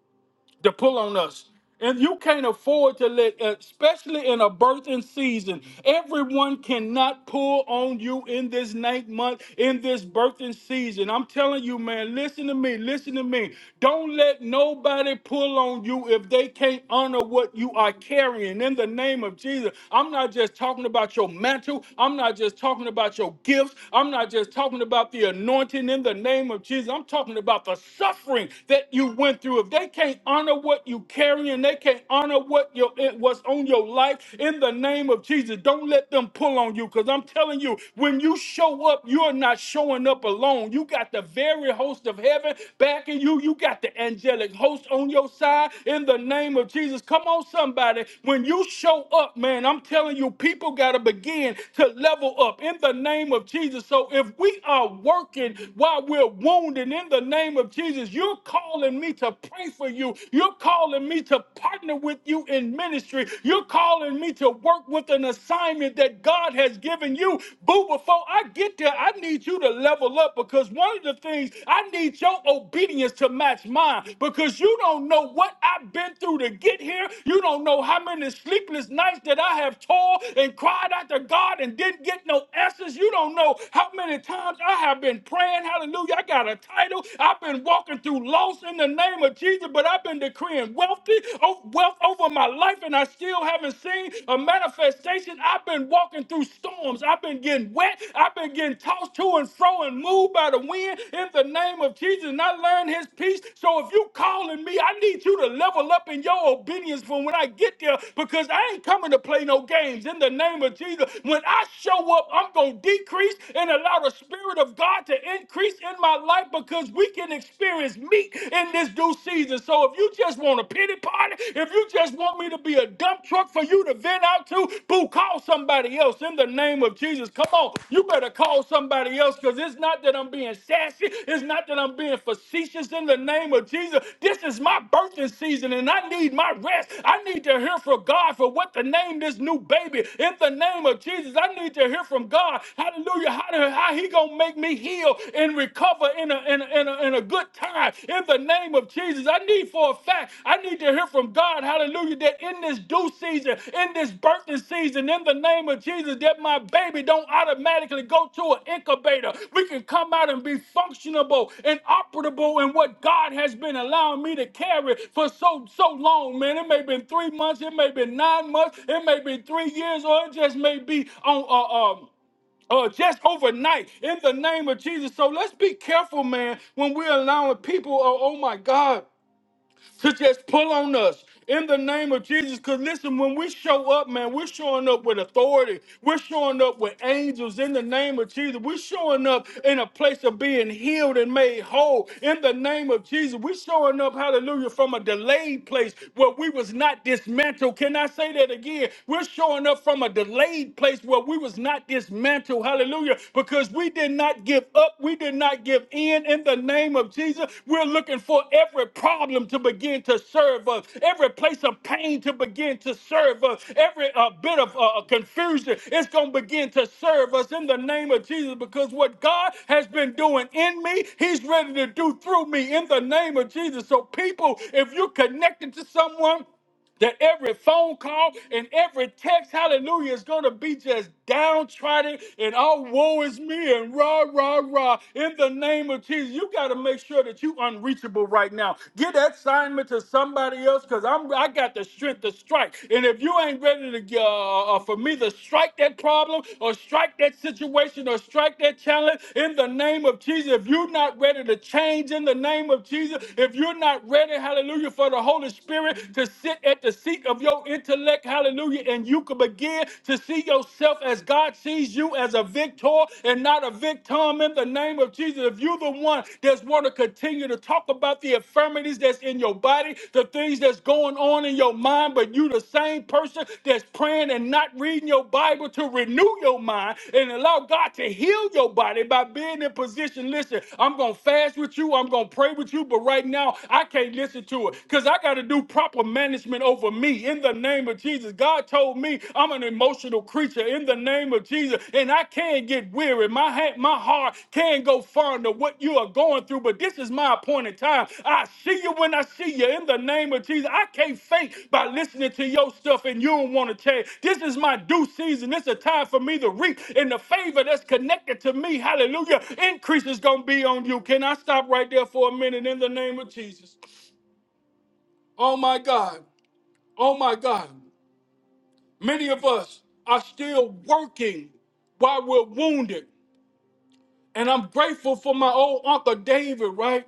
Speaker 1: to pull on us. And you can't afford to let, uh, especially in a birthing season, everyone cannot pull on you in this ninth month, in this birthing season. I'm telling you, man, listen to me, listen to me. Don't let nobody pull on you if they can't honor what you are carrying in the name of Jesus. I'm not just talking about your mantle, I'm not just talking about your gifts, I'm not just talking about the anointing in the name of Jesus. I'm talking about the suffering that you you went through, if they can't honor what you carry and they can't honor what your it was on your life in the name of Jesus, don't let them pull on you. Because I'm telling you, when you show up, you're not showing up alone. You got the very host of heaven backing you. You got the angelic host on your side in the name of Jesus. Come on, somebody. When you show up, man, I'm telling you, people gotta begin to level up in the name of Jesus. So if we are working while we're wounded in the name of Jesus, of Jesus, you're calling me to pray for you. You're calling me to partner with you in ministry. You're calling me to work with an assignment that God has given you. Boo, before I get there, I need you to level up because one of the things I need your obedience to match mine because you don't know what I've been through to get here. You don't know how many sleepless nights that I have toiled and cried out to God and didn't get no answers. You don't know how many times I have been praying. Hallelujah. I got got a title. I've been walking through loss in the name of Jesus, but I've been decreeing wealthy o- wealth over my life, and I still haven't seen a manifestation. I've been walking through storms. I've been getting wet. I've been getting tossed to and fro and moved by the wind in the name of Jesus. And I learned his peace. So if you calling me, I need you to level up in your obedience from when I get there because I ain't coming to play no games in the name of Jesus. When I show up, I'm going to decrease and allow the Spirit of God God to increase in my life because we can experience meat in this due season. So if you just want a pity party, if you just want me to be a dump truck for you to vent out to, boo, call somebody else in the name of Jesus. Come on, you better call somebody else because it's not that I'm being sassy, it's not that I'm being facetious in the name of Jesus. This is my birthing season and I need my rest. I need to hear from God for what to name this new baby in the name of Jesus. I need to hear from God. Hallelujah. How how, how he gonna make me heal and recover in a, in, a, in, a, in a good time? In the name of Jesus, I need for a fact. I need to hear from God. Hallelujah! That in this due season, in this birthing season, in the name of Jesus, that my baby don't automatically go to an incubator. We can come out and be functionable and operable in what God has been allowing me to carry for so so long, man. It may have been three months, it may have been nine months, it may be three years, or it just may be on uh, um uh, just overnight in the name of Jesus. So let's be careful, man, when we're allowing people, oh, oh my God to just pull on us in the name of Jesus. Because listen, when we show up, man, we're showing up with authority. We're showing up with angels in the name of Jesus. We're showing up in a place of being healed and made whole in the name of Jesus. We're showing up, hallelujah, from a delayed place where we was not dismantled. Can I say that again? We're showing up from a delayed place where we was not dismantled. Hallelujah because we did not give up. We did not give in in the name of Jesus. We're looking for every problem to begin to serve us, every place of pain to begin to serve us, every uh, bit of uh, confusion. It's going to begin to serve us in the name of Jesus because what God has been doing in me, He's ready to do through me in the name of Jesus. So, people, if you're connected to someone, that every phone call and every text, hallelujah, is going to be just downtrodden and all woe is me and rah, rah, rah. In the name of Jesus, you got to make sure that you unreachable right now. Get that assignment to somebody else because I'm I got the strength to strike. And if you ain't ready to uh, uh, for me to strike that problem or strike that situation or strike that challenge in the name of Jesus, if you're not ready to change in the name of Jesus, if you're not ready, hallelujah, for the Holy Spirit. Spirit to sit at the seat of your intellect, hallelujah, and you can begin to see yourself as God sees you as a victor and not a victim in the name of Jesus. If you're the one that's want to continue to talk about the infirmities that's in your body, the things that's going on in your mind, but you the same person that's praying and not reading your Bible to renew your mind and allow God to heal your body by being in position. Listen, I'm gonna fast with you, I'm gonna pray with you, but right now I can't listen to it because I got to do proper management over me in the name of Jesus. God told me I'm an emotional creature in the name of Jesus, and I can get weary. My hand, my heart can go far into what you are going through, but this is my appointed time. I see you when I see you in the name of Jesus. I can't fake by listening to your stuff and you don't want to change. This is my due season. It's a time for me to reap, and the favor that's connected to me, hallelujah, increase is going to be on you. Can I stop right there for a minute in the name of Jesus? Oh my God. Oh my God. Many of us are still working while we're wounded. And I'm grateful for my old Uncle David, right?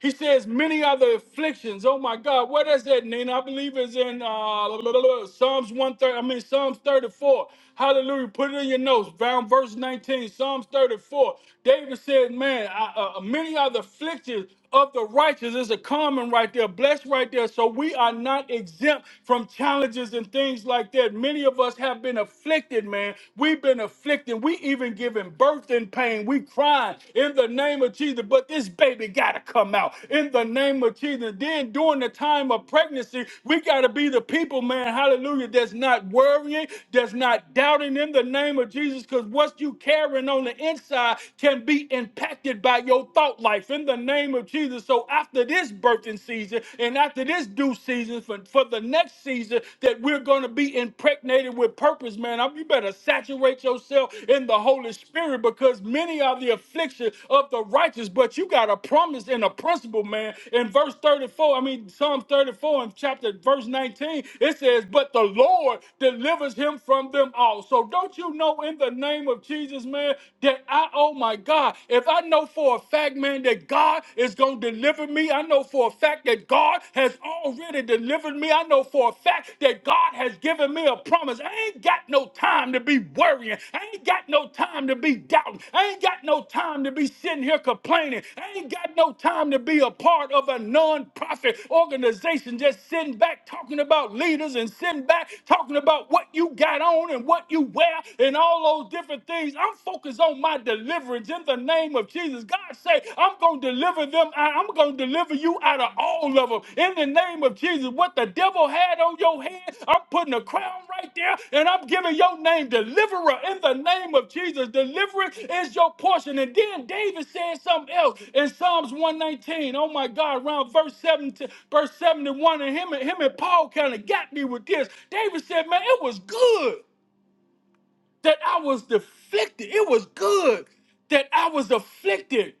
Speaker 1: He says, many other afflictions. Oh my God, what is that, Nina? I believe it's in uh, blah, blah, blah, blah, Psalms 130, I mean, Psalms 34. Hallelujah. Put it in your notes, down verse 19, Psalms 34. David said, man, I, uh, uh, many other afflictions of the righteous. is a common right there, blessed right there. So we are not exempt from challenges and things like that. Many of us have been afflicted, man. We've been afflicted. We even given having birth in pain. We crying in the name of Jesus, but this baby got to come out in the name of Jesus. Then during the time of pregnancy, we got to be the people, man, hallelujah, that's not worrying, that's not doubting in the name of Jesus, because what you carrying on the inside can be impacted by your thought life in the name of Jesus. So after this birthing season and after this due season for, for the next season that we're going to be be impregnated with purpose, man. I- You better saturate yourself in the Holy Spirit because many are the affliction of the righteous, but you got a promise and a principle, man. In verse 34, I mean, Psalm 34 in chapter verse 19, it says, But the Lord delivers him from them all. So don't you know in the name of Jesus, man, that I, oh my God, if I know for a fact, man, that God is going to deliver me, I know for a fact fact that God has already delivered me. I know for a fact that God has given me a promise. I ain't got no time to be worrying. I ain't got no time to be doubting. I ain't got no time to be sitting here complaining. I ain't got no time to be a part of a non-profit organization just sitting back talking about leaders and sitting back talking about what you got on and what you wear and all those different things. I'm focused on my deliverance in the in the name of Jesus. God say, I'm going to deliver them. out. I'm going to deliver you out of all of them. In the name of Jesus, what the devil had on your head, I'm putting a crown right there and I'm giving your name deliverer in the name of Jesus. Deliverance is your portion. And then David said something else in Psalms 119. Oh my God, around verse 17, verse 71. And him and him and Paul kind of got me with this. David said, Man, it was good that I was afflicted. It was good that I was afflicted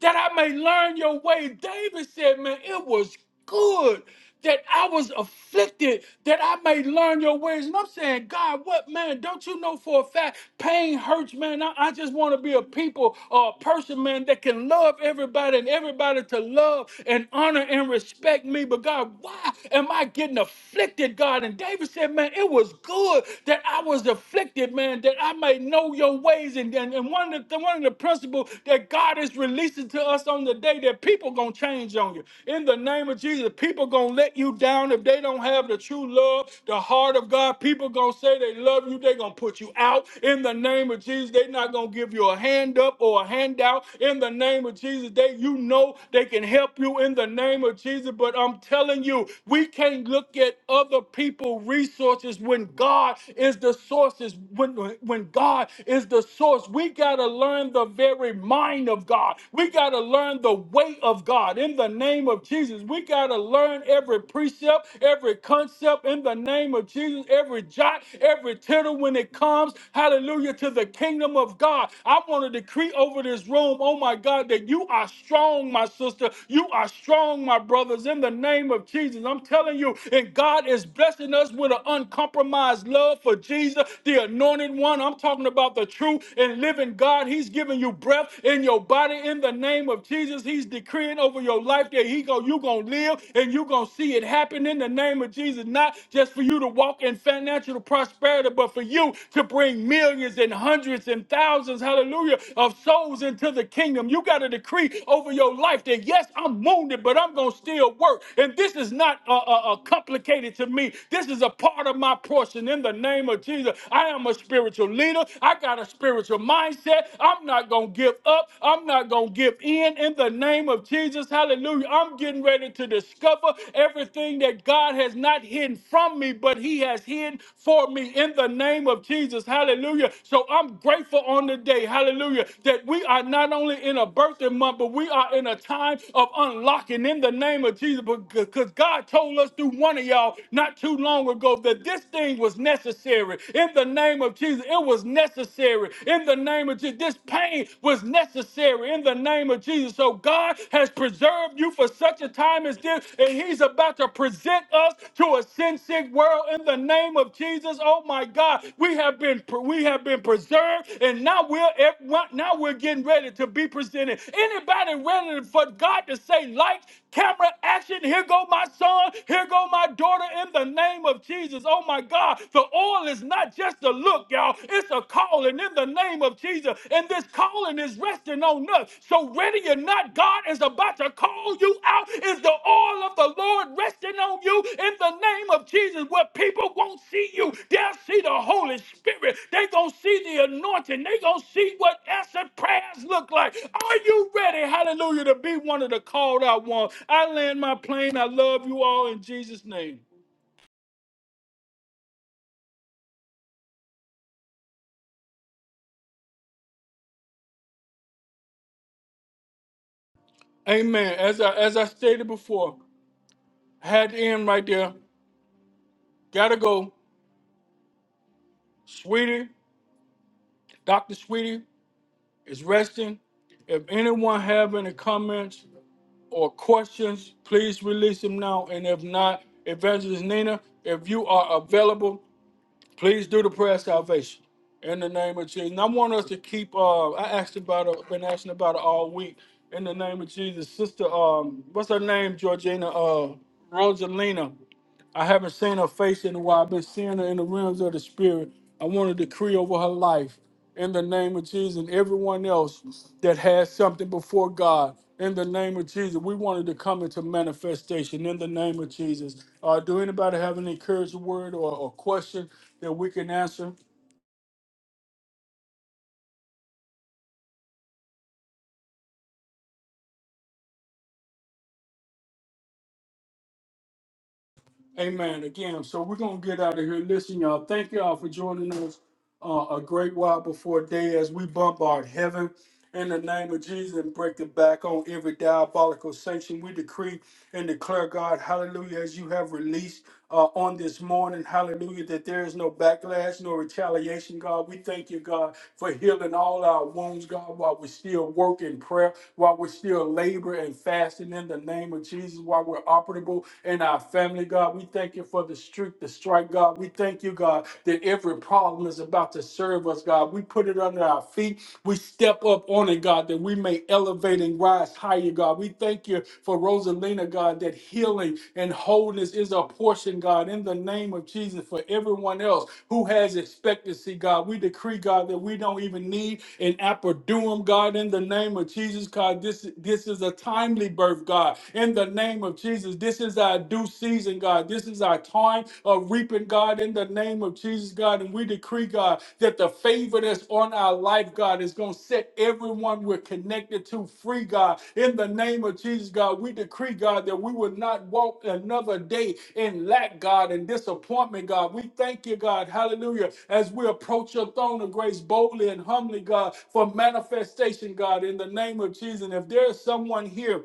Speaker 1: that I may learn your way. David said, Man, it was good that I was afflicted, that I may learn your ways. And I'm saying, God, what man? Don't you know for a fact pain hurts, man? I, I just want to be a people or a person, man, that can love everybody and everybody to love and honor and respect me. But God, why am I getting afflicted, God? And David said, Man, it was good that I was afflicted, man, that I may know your ways. And, and, and one of the one of the principles that God is releasing to us on the day that people gonna change on you. In the name of Jesus, people gonna let you down if they don't have the true love, the heart of God. People gonna say they love you, they gonna put you out. In the name of Jesus, they not gonna give you a hand up or a handout. In the name of Jesus, they you know they can help you in the name of Jesus. But I'm telling you, we can't look at other people resources when God is the sources. When when God is the source, we got got to learn the very mind of God. We got to learn the way of God in the name of Jesus. We got to learn every precept, every concept in the name of Jesus, every jot, every tittle when it comes, hallelujah, to the kingdom of God. I want to decree over this room, oh my God, that you are strong, my sister. You are strong, my brothers, in the name of Jesus. I'm telling you, and God is blessing us with an uncompromised love for Jesus, the anointed one. I'm talking about about the true and living God. He's giving you breath in your body in the name of Jesus. He's decreeing over your life that he go, you're going to live and you're going to see it happen in the name of Jesus. Not just for you to walk in financial prosperity, but for you to bring millions and hundreds and thousands, hallelujah, of souls into the kingdom. You got to decree over your life that, yes, I'm wounded, but I'm going to still work. And this is not uh, uh, uh, complicated to me. This is a part of my portion in the name of Jesus. I am a I'm a spiritual leader. I got a spiritual mindset. I'm not going to give up. I'm not going to give in in the name of Jesus. Hallelujah. I'm getting ready to discover everything that God has not hidden from me, but He has hidden for me in the name of Jesus. Hallelujah. So I'm grateful on the day. Hallelujah. That we are not only in a birthday month, but we are in a time of unlocking in the name of Jesus because God told us through one of y'all not too long ago that this thing was necessary necessary in the name of Jesus. It was necessary in the name of Jesus. This pain was necessary in the name of Jesus. So God has preserved you for such a time as this, and He's about to present us to a sin sick world in the name of Jesus. Oh my God, we have been we have been preserved, and now we're now we're getting ready to be presented. Anybody ready for God to say lights, camera, action? Here go my son. Here go my daughter. In the name of Jesus. Jesus. Oh my God, the oil is not just a look, y'all. It's a calling in the name of Jesus. And this calling is resting on us. So whether you're not, God is about to call you out. Is the oil of the Lord resting on you in the name of Jesus? Where people won't see you, they'll see the Holy Spirit. They're going to see the anointing. They're going to see what answered prayers look like. Are you ready, hallelujah, to be one of the called out ones? I land my plane. I love you all in Jesus' name. Amen. As I as I stated before, I had to end right there. Gotta go. Sweetie, Dr. Sweetie is resting. If anyone have any comments or questions, please release them now. And if not, Evangelist Nina, if you are available, please do the prayer of salvation in the name of Jesus. And I want us to keep. Uh, I asked about it. Been asking about it all week. In the name of Jesus, sister. Um, what's her name? Georgina. Uh, Rosalina. I haven't seen her face in a while. I've been seeing her in the realms of the spirit. I want to decree over her life in the name of Jesus and everyone else that has something before God. In the name of Jesus, we wanted to come into manifestation in the name of Jesus. Uh, do anybody have an encouraging word or, or question that we can answer? Amen. Again, so we're gonna get out of here. Listen, y'all. Thank y'all for joining us uh, a great while before day as we bombard heaven in the name of Jesus and break the back on every diabolical sanction. We decree and declare, God, Hallelujah, as you have released uh, on this morning, Hallelujah, that there is no backlash, no retaliation, God. We thank you, God, for healing all our wounds, God, while we still work in prayer while we're still laboring and fasting in the name of Jesus, while we're operable in our family, God. We thank you for the streak, the strike, God. We thank you, God, that every problem is about to serve us, God. We put it under our feet we step up on it, God, that we may elevate and rise higher, God. We thank you for Rosalina, God, that healing and wholeness is a portion, God, in the name of Jesus for everyone else who has expectancy, God. We decree, God, that we don't even need an apperduum, God, in the name of Jesus, God. This, this is a timely birth, God, in the name of Jesus. This is our due season, God. This is our time of reaping reaping, God, in the name of Jesus, God. And we decree, God, that the favor that's on our life, God, is going to set everyone we're connected to free, God. In the name of Jesus, God, we decree, God, that we will not walk another day in lack, God, and disappointment, God. We thank you, God. Hallelujah. As we approach your throne of grace boldly and humbly, God, for manifestation, God, in the name of Jesus. And if there is someone here,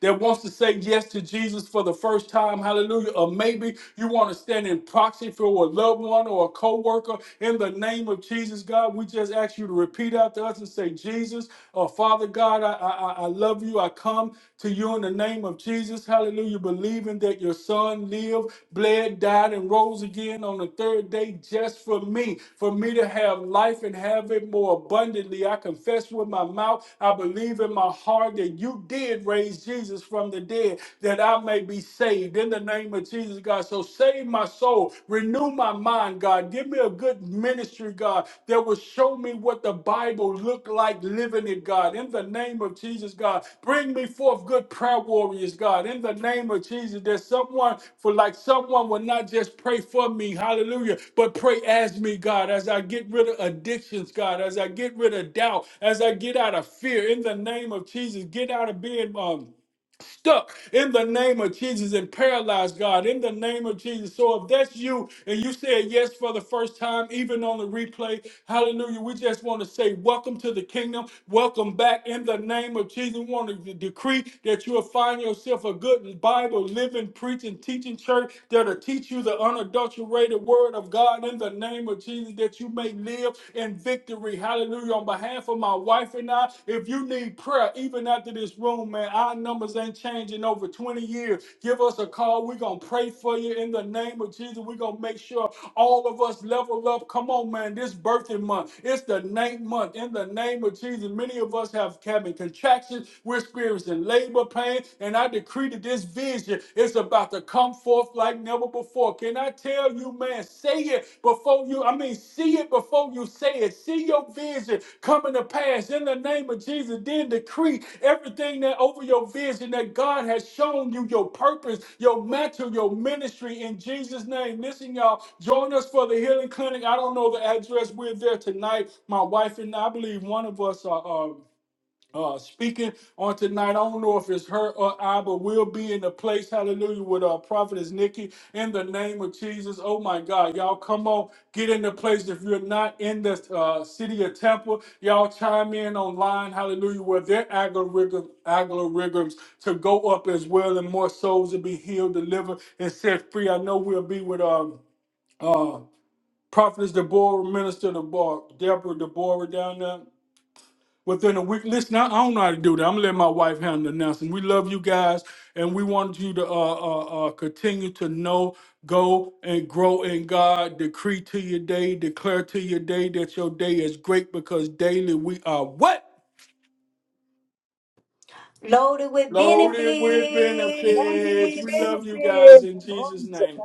Speaker 1: that wants to say yes to Jesus for the first time, hallelujah. Or maybe you want to stand in proxy for a loved one or a co-worker in the name of Jesus, God. We just ask you to repeat after us and say, Jesus, or Father God, I, I, I I love you. I come to you in the name of Jesus, hallelujah, believing that your son lived, bled, died, and rose again on the third day just for me, for me to have life and have it more abundantly. I confess with my mouth, I believe in my heart that you did raise Jesus. Jesus from the dead that I may be saved in the name of Jesus, God. So save my soul, renew my mind, God. Give me a good ministry, God, that will show me what the Bible looked like living it, God. In the name of Jesus, God. Bring me forth good prayer warriors, God. In the name of Jesus, that someone, for like someone will not just pray for me, hallelujah, but pray as me, God, as I get rid of addictions, God, as I get rid of doubt, as I get out of fear. In the name of Jesus, get out of being, um, stuck in the name of Jesus and paralyzed, God, in the name of Jesus. So if that's you and you said yes for the first time, even on the replay, hallelujah, we just want to say welcome to the kingdom. Welcome back in the name of Jesus. We want to de- decree that you'll find yourself a good Bible, living, preaching, teaching church that'll teach you the unadulterated word of God in the name of Jesus that you may live in victory victory. Hallelujah. On behalf of my wife and I, if you need prayer, even after this room, man, our numbers ain't changing over 20 years. Give us a call. We're going to pray for you in the name of Jesus. We're going to make sure all of us level up. Come on, man. This birthing month, it's the ninth month. In the name of Jesus, many of us have having contractions. We're experiencing labor pain. And I decree that this vision is about to come come forth like never before. Can I tell you, man, say it before you, I mean, see it before you say it. See your vision coming to pass in the name of Jesus. Then decree everything that over your vision that God has shown you, your purpose, your mantle, your ministry in Jesus' name. Listen, y'all, join us for the healing clinic. I don't know the address. We're there tonight. My wife and I, I believe one of us are. are uh, speaking on tonight. I don't know if it's her or I, but we'll be in the place, hallelujah, with our prophetess Nikki in the name of Jesus. Oh my God, y'all come on, get in the place. If you're not in the uh, city of Temple, y'all chime in online, hallelujah, where their algorithm, algorithms to go up as well and more souls to be healed, delivered, and set free. I know we'll be with um, uh, prophetess Deborah, minister Deborah, Deborah Deborah down there within a week. Listen, I, I don't know how to do that. I'm gonna let my wife handle the announcement. We love you guys, and we want you to uh, uh, uh, continue to know, go, and grow in God. Decree to your day, declare to your day that your day is great because daily we are what
Speaker 2: loaded with
Speaker 1: loaded with
Speaker 5: Now we
Speaker 1: benefits.
Speaker 5: will
Speaker 1: We
Speaker 2: benefits.
Speaker 1: love you guys
Speaker 5: benefit.
Speaker 1: in
Speaker 5: Oh,
Speaker 1: Jesus'
Speaker 5: it's
Speaker 1: name.